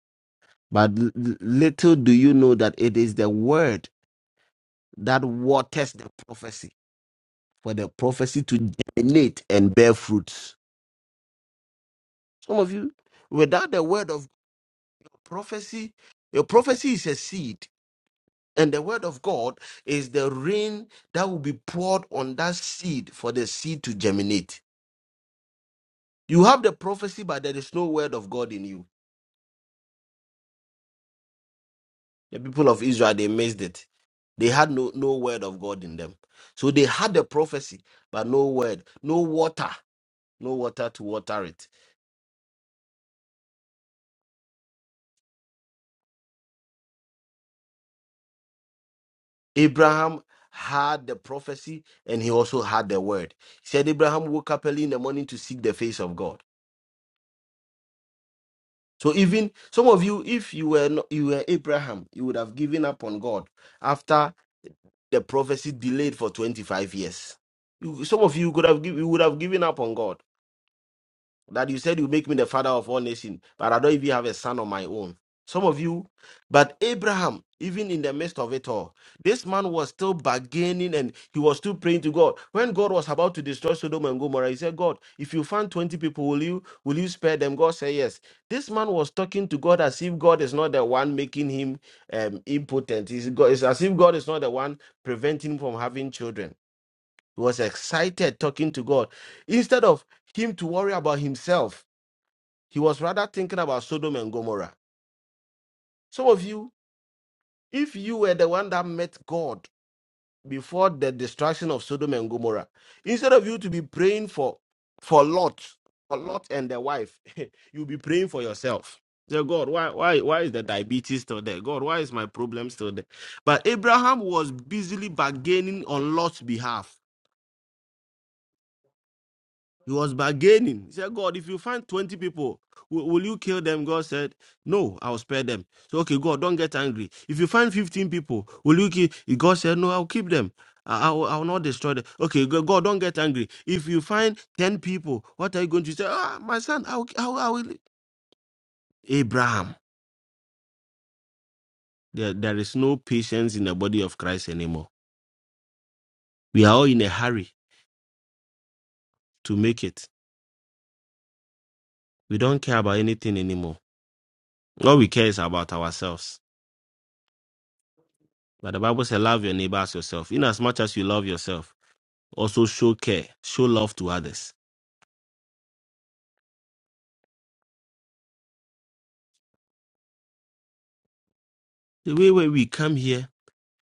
But l- l- little do you know that it is the word that waters the prophecy for the prophecy to germinate and bear fruits. Some of you, without the word of prophecy, your prophecy is a seed. And the word of God is the rain that will be poured on that seed for the seed to germinate. You have the prophecy, but there is no word of God in you. The people of Israel, they missed it. They had no, no word of God in them. So they had the prophecy, but no word, no water, no water to water it. Abraham had the prophecy and he also had the word. He said, Abraham woke up early in the morning to seek the face of God. So even some of you, if you were not, you were Abraham, you would have given up on God after the prophecy delayed for 25 years. You- some of you could have giv- you would have given up on God that you said you make me the father of all nations, but I don't even have a son of my own. Some of you, but Abraham, even in the midst of it all, this man was still bargaining and he was still praying to God. When God was about to destroy Sodom and Gomorrah, he said, God, if you find 20 people, will you will you spare them? God said yes. This man was talking to God as if God is not the one making him um, impotent. It's, God, it's as if God is not the one preventing him from having children. He was excited talking to God instead of him to worry about himself he was rather thinking about Sodom and Gomorrah. Some of you, if you were the one that met God before the destruction of Sodom and Gomorrah, instead of you to be praying for for Lot, for Lot and their wife, you'll be praying for yourself. Say, God, why, why, why is the diabetes still there? God, why is my problem still there? But Abraham was busily bargaining on Lot's behalf He was bargaining. He said, God, if you find 20 people, will, will you kill them? God said, No, I'll spare them. So, okay, God, don't get angry. If you find 15 people, will you kill? God said, No, I'll keep them. I, I, will, I will not destroy them. Okay, Go- God, don't get angry. If you find 10 people, what are you going to say? Ah, my son, I will, I will, I will. Abraham, there, there is no patience in the body of Christ anymore. We are all in a hurry to make it. We don't care about anything anymore. All we care is about ourselves. But the Bible says, love your neighbor as yourself. In as much as you love yourself, also show care, show love to others. The way where we come here,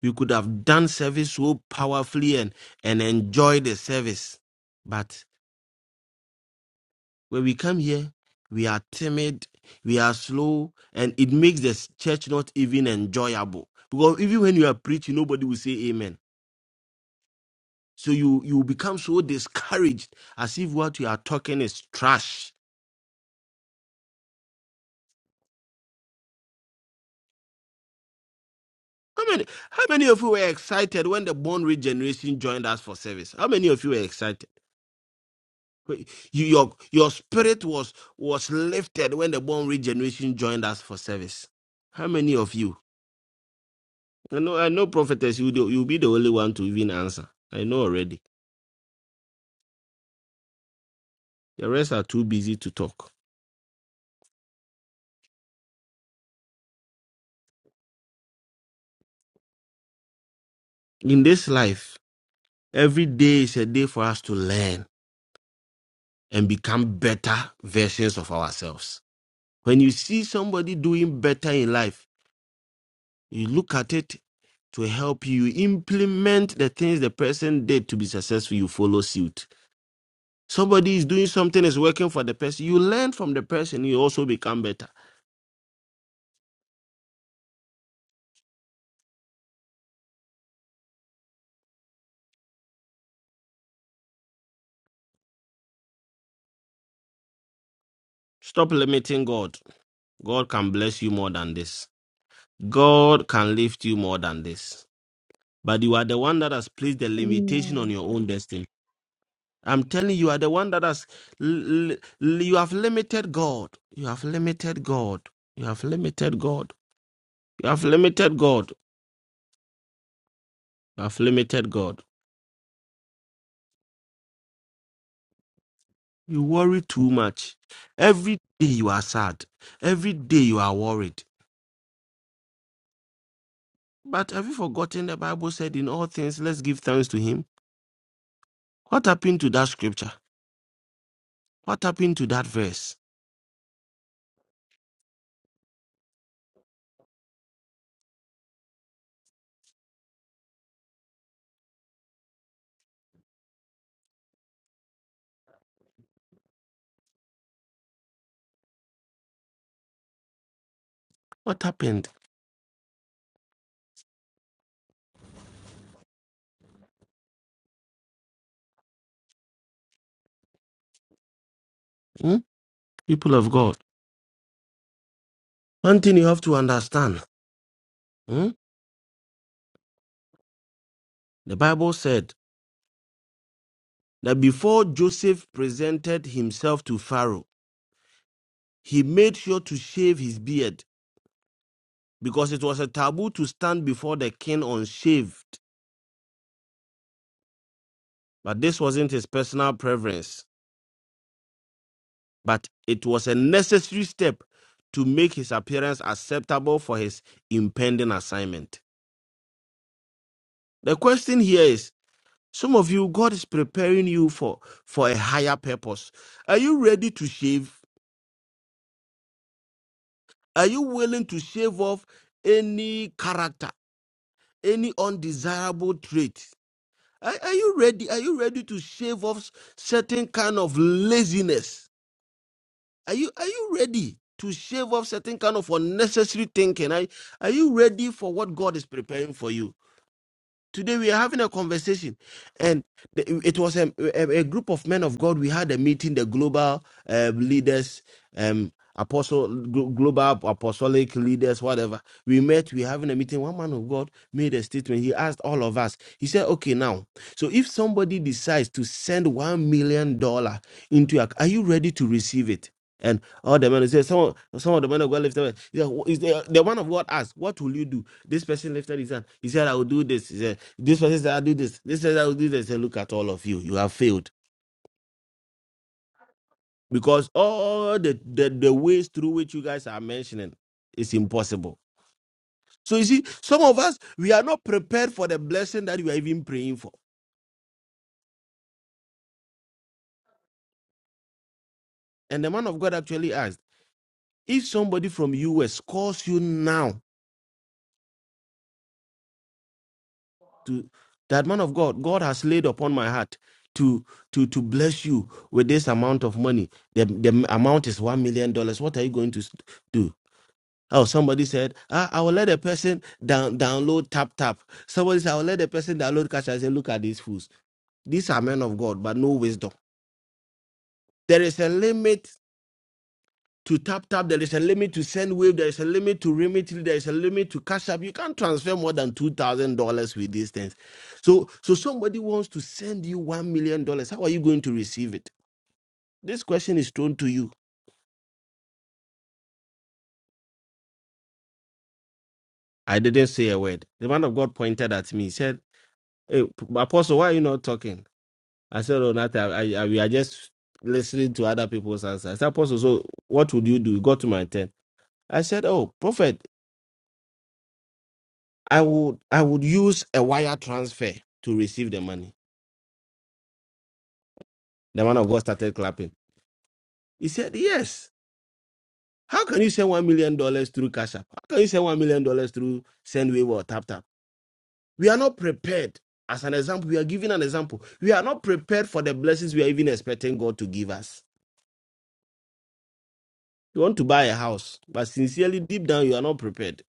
we could have done service so powerfully and, and enjoy the service. But when we come here, we are timid, we are slow, and it makes the church not even enjoyable. Because even when you are preaching, nobody will say amen. So you you become so discouraged as if what you are talking is trash How many how many of you were excited when the born regeneration joined us for service? How many of you were excited? Wait, You, your your spirit was was lifted when the born regeneration joined us for service. How many of you? I know I know prophetess, you do- you'll be the only one to even answer. I know already. The rest are too busy to talk. In this life, every day is a day for us to learn and become better versions of ourselves. When you see somebody doing better in life, you look at it to help you implement the things the person did to be successful. You follow suit. Somebody is doing something is working for the person. You learn from the person. You also become better. Stop limiting God. God can bless you more than this. God can lift you more than this. But you are the one that has placed the limitation on Amen. your own destiny. I'm telling you, you are the one that has. l- l- you have limited God. You have limited God. You have limited God. You have limited God. You have limited God. You worry too much. Every day you are sad. Every day you are worried. But have you forgotten the Bible said, In all things, let's give thanks to Him? What happened to that scripture? What happened to that verse? What happened? Hmm? People of God, one thing you have to understand hmm? the Bible said that before Joseph presented himself to Pharaoh, he made sure to shave his beard because it was a taboo to stand before the king unshaved. But this wasn't his personal preference. but it was a necessary step to make his appearance acceptable for his impending assignment. The question here is some of you, God is preparing you for, for a higher purpose. Are you ready to shave? Are you willing to shave off any character, any undesirable trait? Are, are you ready? Are you ready to shave off certain kind of laziness? Are you are you ready to shave off certain kind of unnecessary thinking? Are, are you ready for what God is preparing for you? Today we are having a conversation, and the- it was a, a, a group of men of God. We had a meeting, the global uh, leaders, um, apostle, glo- global apostolic leaders, whatever. We met. We having a meeting. One man of God made a statement. He asked all of us. He said, "Okay, now, so if somebody decides to send one million dollar into your, are you ready to receive it?" And all the men said, some, some of the men of God left. them. He said, "Wh- Is there, the one of God asked, "What will you do?" This person lifted his hand. He said, I will do this. He said, This person said, I'll do this. This said, I will do this. He said, Look at all of you. You have failed. Because all the, the, the ways through which you guys are mentioning is impossible. So you see, some of us, we are not prepared for the blessing that we are even praying for. And the man of God actually asked, if somebody from US calls you now to that man of God, God has laid upon my heart to to to bless you with this amount of money. The, the amount is one million dollars. What are you going to s- do? Oh, somebody said, I, I will let a person down, download Tap Tap. Somebody said, I will let a person download Cash. I say, look at these fools. These are men of God, but no wisdom. There is a limit to Tap Tap. There is a limit to Send Wave. There is a limit to Remitly. There is a limit to Cash App. You can't transfer more than $2,000 with these things. So, so somebody wants to send you $1 million. dollars. How are you going to receive it? This question is thrown to you. I didn't say a word. The man of God pointed at me. He said, hey, Apostle, why are you not talking? I said, oh, not I, I, we are just listening to other people's answers. I said, Apostle, so what would you do? You got to my tent. I said, oh, prophet, I would, I would use a wire transfer to receive the money. The man of God started clapping. He said, yes. How can you send one million dollars through Cash App? How can you send one million dollars through Sendwave or TapTap? We are not prepared. As an example, we are giving an example. We are not prepared for the blessings we are even expecting God to give us. You want to buy a house, but sincerely, deep down, you are not prepared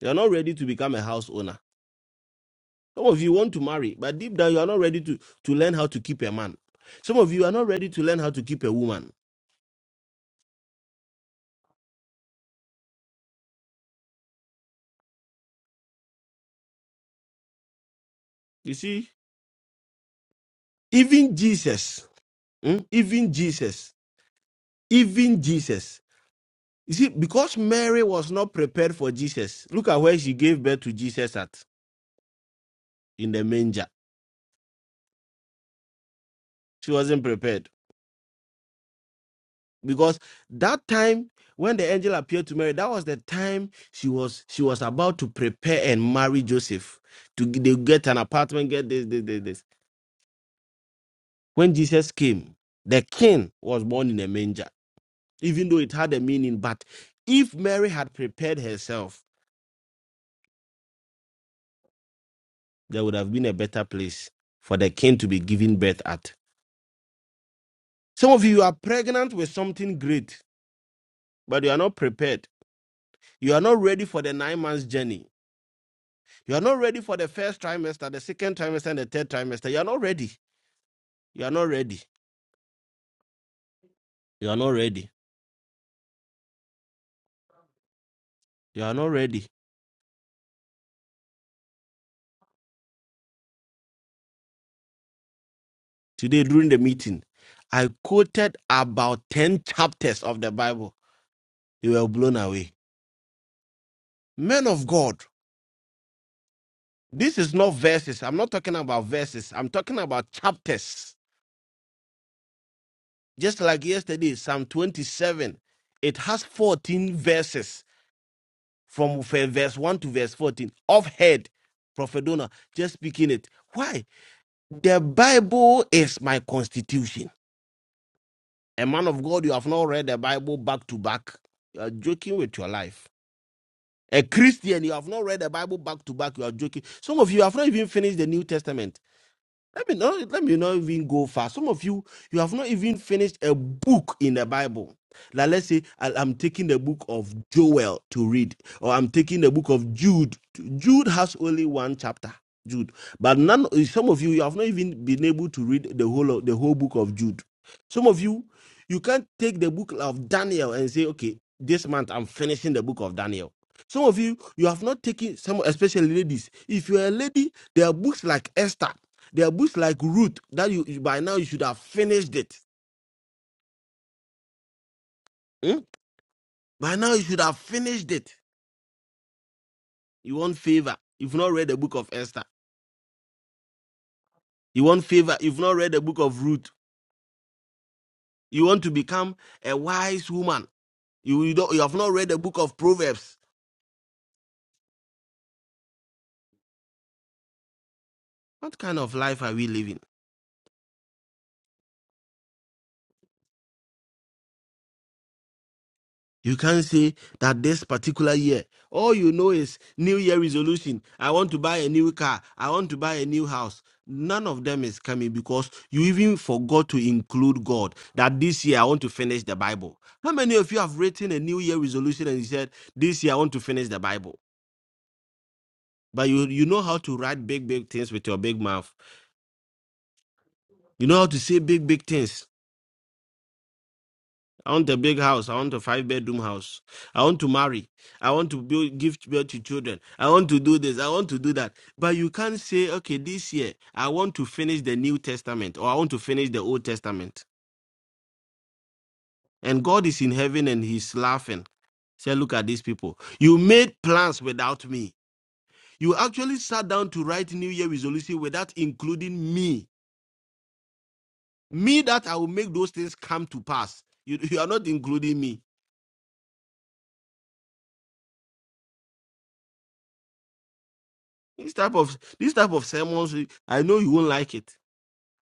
You are not ready to become a house owner. Some of you want to marry, but deep down you are not ready to, to learn how to keep a man. Some of you are not ready to learn how to keep a woman. You see, even Jesus, mm, even Jesus, even Jesus. You see, because Mary was not prepared for Jesus, look at where she gave birth to Jesus at in the manger. She wasn't prepared. because that time when the angel appeared to Mary, that was the time she was she was about to prepare and marry Joseph to g- they get an apartment, get this, this, this, this. When Jesus came, the king was born in a manger, even though it had a meaning. But if Mary had prepared herself, there would have been a better place for the king to be given birth at. Some of you are pregnant with something great, but you are not prepared. You are not ready for the nine months journey You are not ready for the first trimester, the second trimester, and the third trimester. You are not ready. You are not ready. You are not ready. You are not ready. Today, during the meeting, I quoted about 10 chapters of the Bible. They were blown away. Men of God, this is not verses. I'm not talking about verses. I'm talking about chapters. Just like yesterday, Psalm 27, it has 14 verses from verse 1 to verse 14. Off head, Prophet Donah, just speaking it. Why? The Bible is my constitution. A man of God, you have not read the Bible back to back. You are joking with your life. A Christian, you have not read the Bible back to back. You are joking. Some of you have not even finished the New Testament. Let me not let me not even go far. Some of you, you have not even finished a book in the Bible. Like let's say I, am taking the book of Joel to read, or I'm taking the book of Jude. Jude has only one chapter. Jude, but none. Some of you, you have not even been able to read the whole of, the whole book of Jude. Some of you, you can't take the book of Daniel and say, okay, this month I'm finishing the book of Daniel. Some of you, you have not taken some, especially ladies. If you're a lady, there are books like Esther. There are books like Root that you you- by now you should have finished it. Hmm? By now you should have finished it. You want favor. You've not read the book of Esther. You want favor. You've not read the book of Ruth. You want to become a wise woman. You you, don't, you have not read the book of Proverbs. What kind of life are we living? You can't say that this particular year, all you know is New Year resolution. I want to buy a new car. I want to buy a new house. None of them is coming because you even forgot to include God. That this year I want to finish the Bible. How many of you have written a New Year resolution and you said, This year I want to finish the Bible? But you, you know how to write big, big things with your big mouth. You know how to say big, big things I want a big house. I want a five bedroom house. I want to marry. I want to build, give birth to children. I want to do this. I want to do that. But you can't say, okay, this year I want to finish the New Testament or I want to finish the Old Testament. And God is in heaven and He's laughing. Say, look at these people. You made plans without me. You actually sat down to write New Year resolution without including me. Me that I will make those things come to pass. You, you are not including me. This type of this type of sermons, I know you won't like it,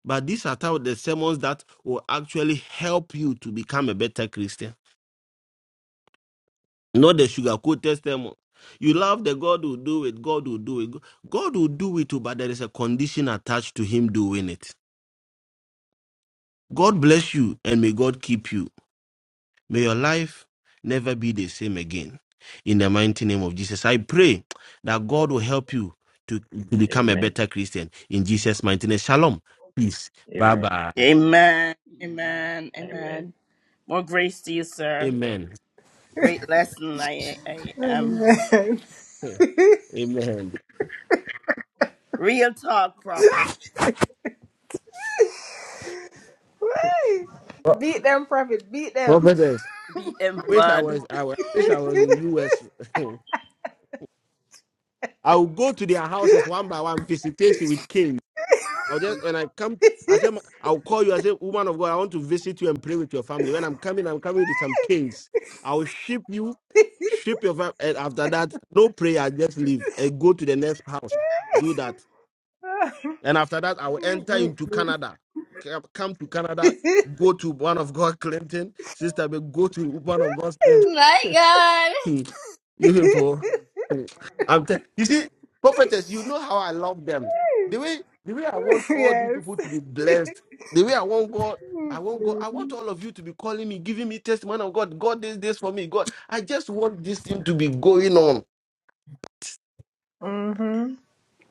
but these are type of the sermons that will actually help you to become a better Christian. Not the sugar-coated sermon. You love the God will do it. God will do it. God will do it too, but there is a condition attached to Him doing it. God bless you and may God keep you. May your life never be the same again. In the mighty name of Jesus, I pray that God will help you to, to become a Amen. better Christian. In Jesus' mighty name, shalom, peace, bye Amen. bye. Amen. Amen. Amen. Amen. Amen. More grace to you, sir. Amen. Amen. Great lesson. I I am Amen. real talk prophet. Pro- Beat them, prophet. Beat them. Prophetess, Beat them wish I bud. was. I wa- wish I was in US. I will go to their houses one by one, visitation with I'll just when I come, I say I'll call you. I say, woman of God, I want to visit you and pray with your family. When I'm coming, I'm coming with some kings. I'll ship you, ship your family. And after that, no prayer, just leave and go to the next house. Do that, and after that, I will enter into Canada. Come come to Canada, go to one of God Clinton, sister, but go to one of God's. My God. You people. Mm. I'm te- you see, prophetess, you know how I love them. The way the way I want all these people to be blessed, the way I want God, I want God, I want all of you to be calling me, giving me testimony of God. God did this for me. God, I just want this thing to be going on.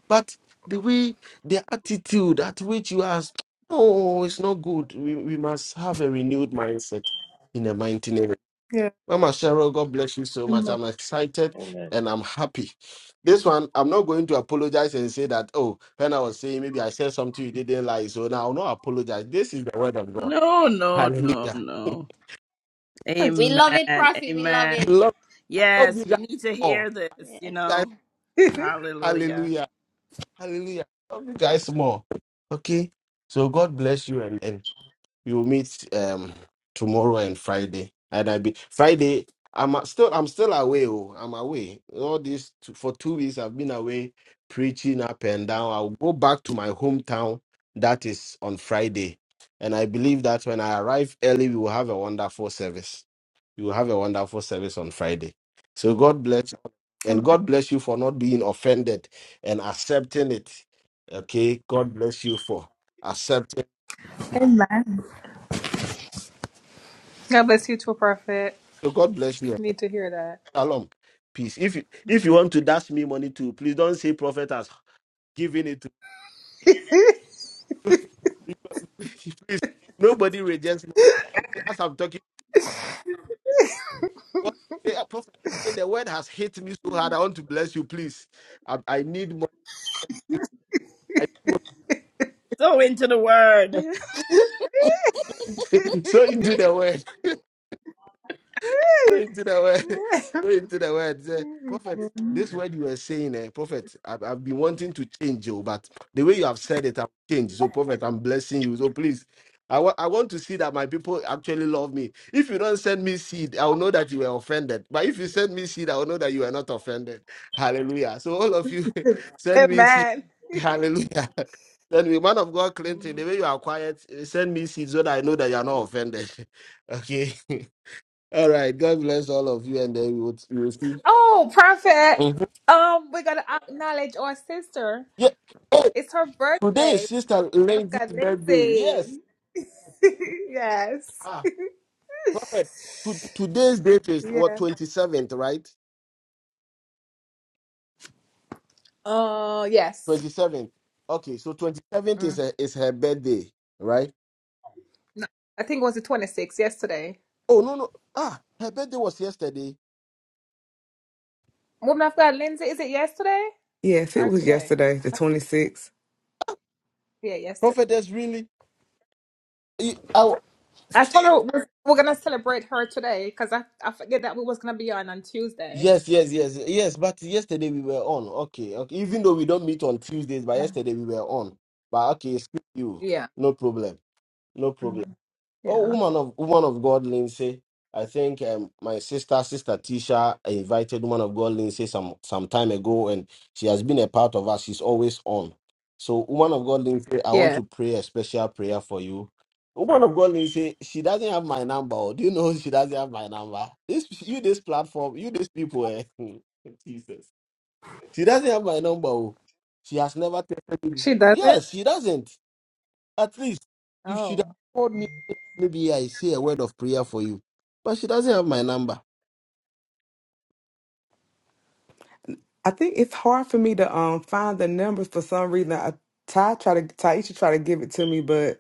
But the way the attitude at which you ask, oh, it's not good. We, we must have a renewed mindset in the 19 Yeah. Mama Cheryl, God bless you so much. I'm excited Amen. and I'm happy. This one, I'm not going to apologize and say that, oh, when I was saying maybe I said something you didn't like, so now I'll not apologize. This is the word of God. No, no, no, Hallelujah. no. Thanks. We love it, Amen. Prophet. We love I Amen. it. love, I love you Yes, we guys need to more. hear this, you Yes. Guys, know. Hallelujah. hallelujah. Hallelujah. I love you guys more. Okay. So God bless you and, and we will meet um tomorrow and Friday. And I be Friday. I'm a- still I'm still away. Oh, I'm away. All this t- for two weeks. I've been away preaching up and down. I'll go back to my hometown. That is on Friday, and I believe that when I arrive early, we will have a wonderful service. We will have a wonderful service on Friday. So God bless you. and God bless you for not being offended and accepting it. Okay, God bless you for accepting. God bless you, too, prophet. So God bless you. You need to hear that. Shalom. Peace. If you if you want to dash me money too, please don't say prophet has given it to me. please. Nobody rejects money. As I'm talking, what they are prophet the word has hit me so hard. I want to bless you, please. I, I need money. I need So into the word. money. so into the word. Going to the word. Going to the word. Say, prophet, this word you were saying, eh, prophet, I've, I've been wanting to change you, but the way you have said it, I've changed. So, prophet, I'm blessing you. So, please, I wa- I want to see that my people actually love me. If you don't send me seed, I'll know that you were offended. But if you send me seed, I'll know that you are not offended. Hallelujah. So, all of you, send me seed. Hallelujah. Send me, man of God, Clinton, the way you are quiet, eh, send me seed so that I know that you are not offended. Okay. All right. God bless all of you, and then we will, we will see. Mhm. we gotta acknowledge our sister. Yeah. Hey, It's her today is birthday. Sister What if Lindsay's God, birthday. Lindsay? Yes. yes. Ah, perfect. To, today's date is what Yeah. twenty seventh, right? Uh, yes. Twenty seventh. Okay, so twenty seventh is Mm. her, is her birthday, right? I think it was the 26th yesterday. Oh no no. Ah, her birthday was yesterday. Woman of God, Lindsay, is it yesterday Yes, it or was today? yesterday, the 26th, Yeah, yesterday. Prophetess, really? Eh, I told her we're, we're gonna celebrate her today because I, I forget that we was gonna be on on Tuesday. yes yes yes yes. But yesterday we were on. Okay okay. Even though we don't meet on Tuesdays, but yesterday we were on. But okay, excuse you. Yeah, No problem. No problem. Oh, yeah, woman of woman of God, Lindsay. I think um, my sister, sister Tisha, invited woman of God, Lindsay, some some time ago, and she has been a part of us. She's always on. So, woman of God, Lindsay, I want yeah. to pray a special prayer for you. Woman of God, Lindsay, she doesn't have my number. oh. Do you know she doesn't have my number? This you, this platform, you, these people, eh? Jesus. She doesn't have my number. oh. She has never texted me. She does it. Yes, she doesn't. At least you should have Oh. called me. Maybe I say a word of prayer for you. But she doesn't have my number. I think it's hard for me to um find the numbers for some reason. I Ty try to Taisha try to give it to me, but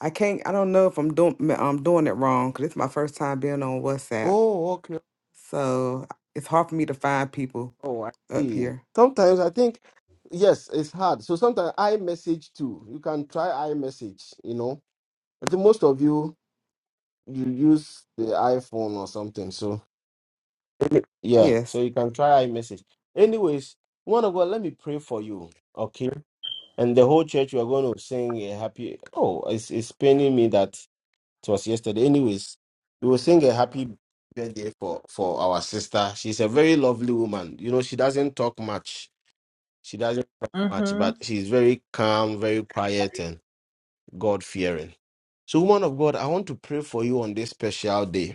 I can't. I don't know if I'm doing I'm doing it wrong because it's my first time being on WhatsApp, Oh, okay. so it's hard for me to find people Oh, I up see. here. Sometimes I think, yes, it's hard. So sometimes I message too. You can try iMessage, you know. I think most of you you use the iPhone or something. So Any- Yeah, Yes, so you can try iMessage. Anyways, one of God, let me pray for you, okay? And the whole church, we are going to sing a happy. Oh, it's, it's paining me that it was yesterday. Anyways, we will sing a happy birthday for for our sister. She's a very lovely woman. You know, she doesn't talk much. She doesn't talk much, but Mm-hmm. she's very calm, very quiet, and God fearing. So, woman of God, I want to pray for you on this special day.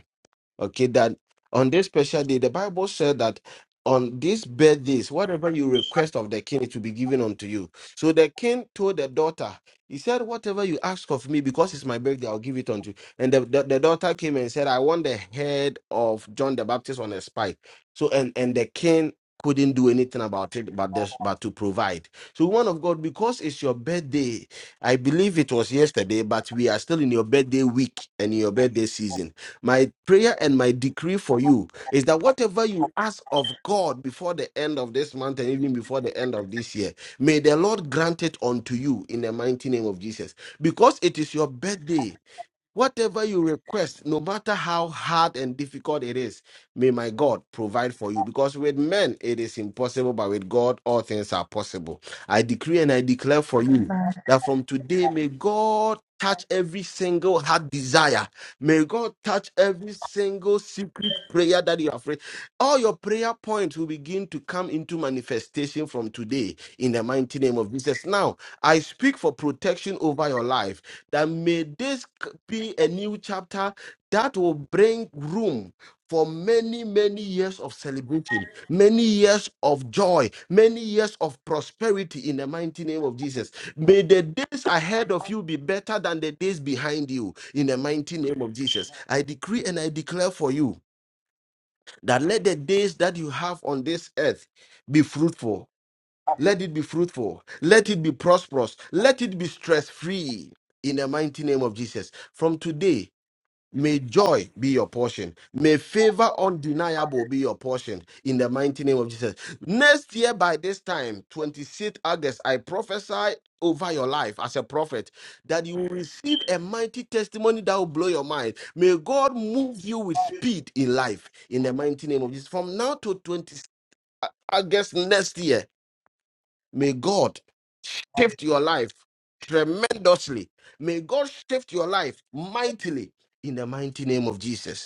Okay, that on this special day, the Bible said that on these birthdays, whatever you request of the king, it will be given unto you. So the king told the daughter, he said, Whatever you ask of me, because it's my birthday, I'll give it unto you. And the, the, the daughter came and said, I want the head of John the Baptist on a spike. So and, and the king couldn't do anything about it but this but to provide. So one of God, because it's your birthday, I believe it was yesterday, but we are still in your birthday week and in your birthday season. My prayer and my decree for you is that whatever you ask of God before the end of this month and even before the end of this year, may the Lord grant it unto you in the mighty name of Jesus. Because it is your birthday Whatever you request, no matter how hard and difficult it is, may my God provide for you. Because with men it is impossible, but with God all things are possible. I decree and I declare for you that from today may God touch every single heart desire. May God touch every single secret prayer that you have prayed. All your prayer points will begin to come into manifestation from today in the mighty name of Jesus. Now, I speak for protection over your life that may this be a new chapter that will bring room for many, many years of celebration, many years of joy, many years of prosperity in the mighty name of Jesus. May the days ahead of you be better than the days behind you in the mighty name of Jesus. I decree and I declare for you that let the days that you have on this earth be fruitful. Let it be fruitful. Let it be prosperous. Let it be stress free in the mighty name of Jesus. From today, May joy be your portion. May favor undeniable be your portion in the mighty name of Jesus. Next year, by this time, 26th August, I prophesy over your life as a prophet that you will receive a mighty testimony that will blow your mind. May God move you with speed in life in the mighty name of Jesus. From now to 26th August next year, may God shift your life tremendously. May God shift your life mightily in the mighty name of Jesus.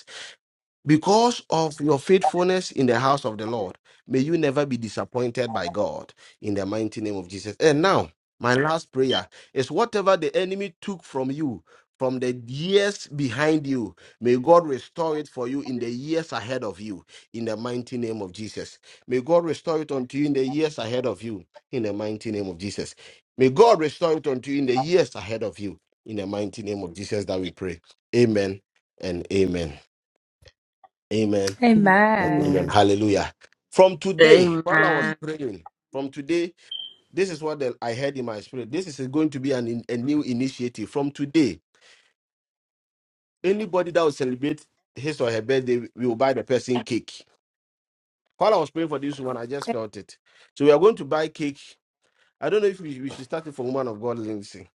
Because of your faithfulness in the house of the Lord, may you never be disappointed by God in the mighty name of Jesus. And now, my last prayer is whatever the enemy took from you from the years behind you, may God restore it for you in the years ahead of you in the mighty name of Jesus. May God restore it unto you in the years ahead of you in the mighty name of Jesus. May God restore it unto you in the years ahead of you in the mighty name of Jesus that we pray. Amen and amen. Amen Amen. Amen. Amen. Hallelujah. From today, while I was Amen. praying, from today, this is what the- I heard in my spirit. This is going to be an in- a new initiative. From today, anybody that will celebrate his or her birthday, we will buy the person cake. While I was praying for this one, I just felt it. So we are going to buy cake. I don't know if we, we should start it from one of God, Lindsay.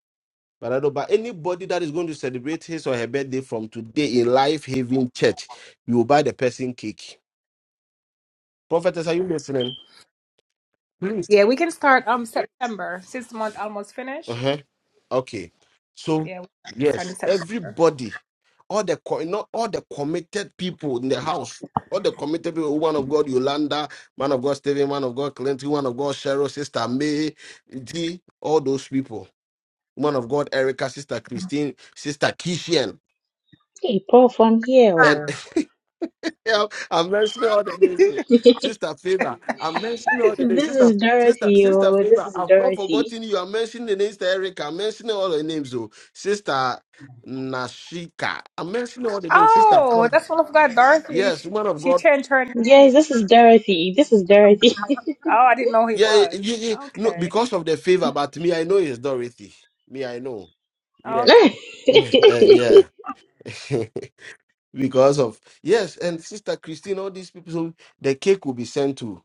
But I don't. But anybody that is going to celebrate his or her birthday from today in Life Haven Church, we will buy the person cake. Prophetess, are you listening? Please. Yeah, we can start um September since the month almost finished. Uh-huh. Okay. So Yeah, it's starting yes, September. everybody, all the co- not all the committed people in the house, all the committed people, woman of God, Yolanda, man of God, Stephen, man of God, Clinton, woman of God, Cheryl, Sister May, D, all those people, woman of God, Erica, Sister Christine, Sister Kishian, Hey, Prof, here. and oh. Yeah, I'm mentioning all the names. oh. Sister Favor. I'm mentioning all the names. This Sister is Sister Dorothy. Sister Oh, this Favor. is I've not Dorothy. forgotten you. I'm mentioning the names to Erica. I'm mentioning all the names. Oh. Sister Nashika. I'm mentioning all the names. Sister Oh, Paul. that's what I forgot. Dorothy, Yes, woman of she God. changed her name. Yes, this is Dorothy. This is Dorothy. Y- Oh, I didn't know he Yeah, y- y- was. y- no, Okay. because of the favor, but me, I know it's Dorothy. Me, I know. Yeah. Okay. Yeah. Eh, yeah. because of yes, and Sister Christine, all these people, so the cake will be sent to.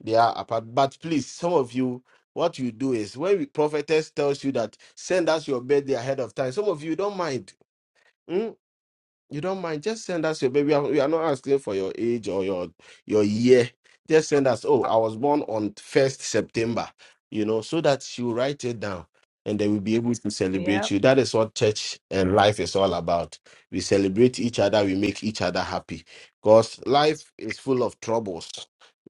They are apart. But please, some of you, what you do is when we prophetess tells you that send us your birthday ahead of time, some of you don't mind. Hmm? You don't mind. Just send us your baby. We are we are not asking for your age or your your year. Just send us. Oh, I was born on first September. You know, so that she will write it down, and then we'll be able to celebrate Yep. you. That is what church and life is all about. We celebrate each other. We make each other happy. Because life is full of troubles.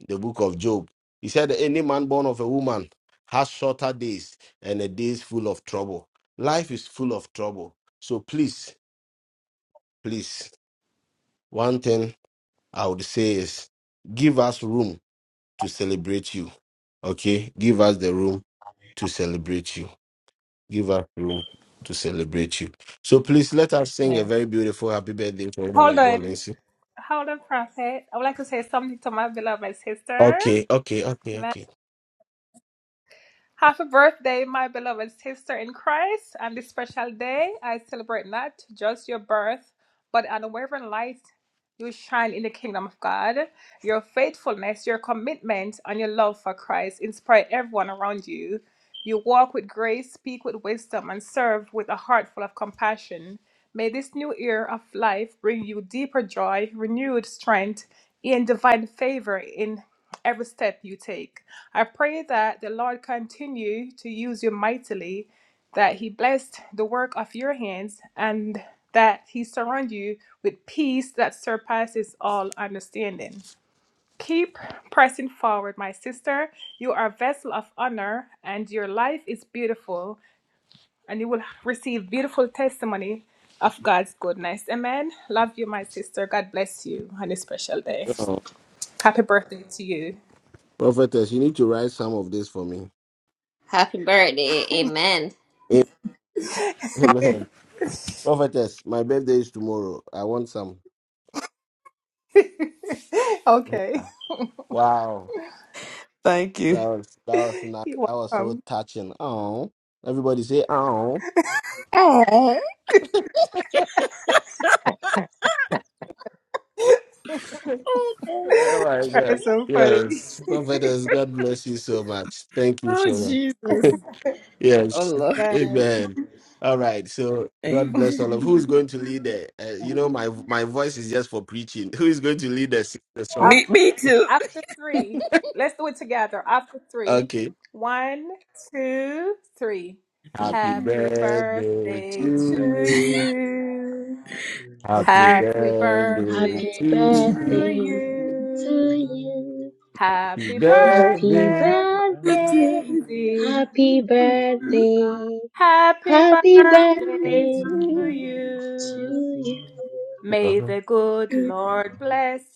The book of Job. He said, "Any man born of a woman has shorter days, and a days full of trouble. Life is full of trouble. So please." Please one thing I would say is give us room to celebrate you. Okay. Give us the room to celebrate you. Give us room to celebrate you. So please let us sing a Yes. very beautiful happy birthday for woman Hold of God, on. Lindsay. Hold on, Prophet. I would like to say something to my beloved sister. Okay, okay, okay, okay. Happy birthday, my beloved sister in Christ. On this special day, I celebrate not just your birth, but an unwavering light you shine in the kingdom of God. Your faithfulness, your commitment, and your love for Christ inspire everyone around you. You walk with grace, speak with wisdom, and serve with a heart full of compassion. May this new year of life bring you deeper joy, renewed strength, and divine favor in every step you take. I pray that the Lord continue to use you mightily, that He bless the work of your hands, and that He surround you with peace that surpasses all understanding. Keep pressing forward, my sister. You are a vessel of honor, and your life is beautiful and you will receive beautiful testimony of God's goodness. Amen. Love you, my sister. God bless you on a special day. Oh, Happy birthday to you. prophetess, you need to write some of this for me. Happy birthday. Amen. Amen. Prophetess, my birthday is tomorrow. I want some. okay. Ah, Wow. Thank you, That was that was not You're that was so welcome. touching. Oh. Everybody say oh. Oh, oh Oh my God. Very so funny. Yes. Prophetess, God bless you so much. Thank you so much. Jesus. Oh yes. Lord. Man. Amen. All right. So God bless all of who is Amen. going to lead the uh, you know my my voice is just for preaching. Who is going to lead the, the song? Af- Me, me too. After three, let's do it together. After three. Okay. One, two, three. Happy Happy Happy birthday birthday to birthday to Amen. you. you. Happy Happy birthday to Happy Happy birthday you. birthday to birthday to to you. you. you. Happy Happy Happy birthday. birthday, Happy birthday birthday. to Happy Lindsay. Happy you. birthday. Happy Happy birthday Happy birthday to birthday. birthday to to you. you. you. May the good Lord bless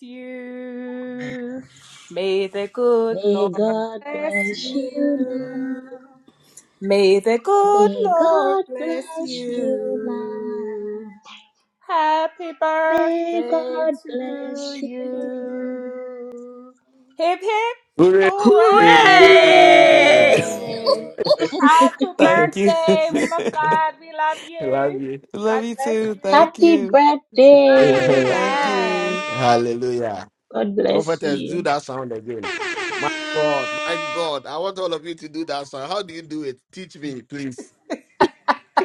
Happy you. May the good May Lord God birthday to bless bless you you. now. you. May the good May Lord God bless bless you now. you. Happy May birthday God bless to you you. now. Hip hip Hooray! I Hooray! Lord. Hooray! Lord. hooray! Happy thank you. birthday, woman of God. We love love you. you. Love God you bless too. you. Thank Happy you, Amen. birthday! thank you. Amen. Hallelujah. God bless Prophetess, you. do that sound again. My God, my God. I want all of you to do that sound. How do you do it? Teach me, please.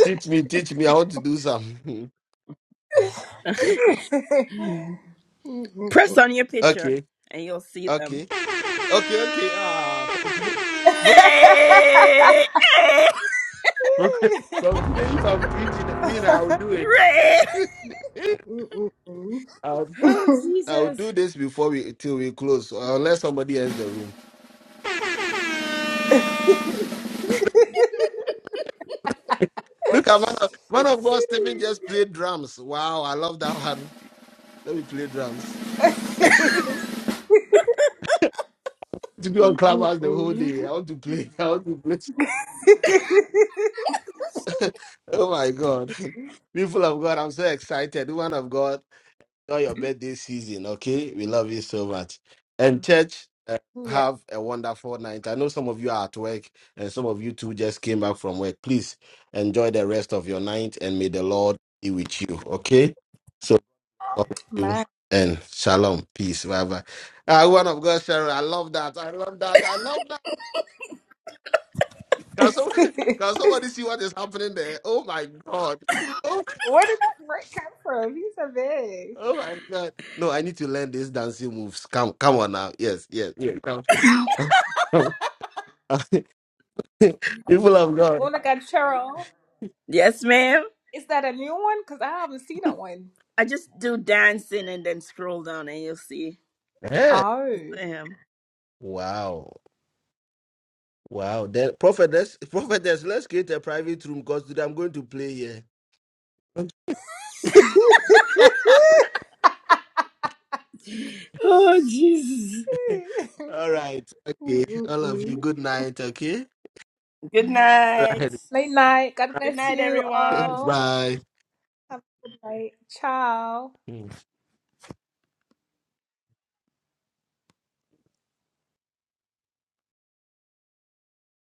teach me, teach me. I want to do some. Press on your picture okay, and you'll see okay. them. Okay, okay. Ah, from today. Hey! Hey! From, from today, if I'm preaching, me and I will do it. Hooray! I'll, Oh, I'll do Jesus. this before we till we close, uh, unless somebody else the room. Look at man of, man of God, Stephen just played drums. Wow, I love that one. Let me play drums. To be on clubhouse the whole day. I want to play. I want to play. oh my God. People of God, I'm so excited. Woman of God. enjoy your birthday season. Okay, we love you so much. And church, uh, Yeah, have a wonderful night. I know some of you are at work, and some of you too just came back from work. Please enjoy the rest of your night, and may the Lord be with you. Okay, so God bless you man. and shalom, peace, bye bye. Ah, one of God, Sharon, I love that. I love that. I love that. Can somebody, Where can somebody see what is happening there? Oh my God. Oh, did that break come from? He's so big. oh my God. No, I need to learn these dancing moves. Come, come on now. Yes, yes. yes. People of Oh God. of God, Cheryl. Yes, ma'am. Is that a new one? Because I haven't seen that one. I just do dancing and then scroll down and you'll see. Eh, Oh. Sam. Wow. Wow. Then prophetess, prophetess, let's create a private room because today I'm going to play here. Oh, Jesus. Okay. All right. Okay. All of you, good night. Okay. Good night. Right. Late night. God Good bless night, you everyone. all. Bye. Have a good night. Ciao.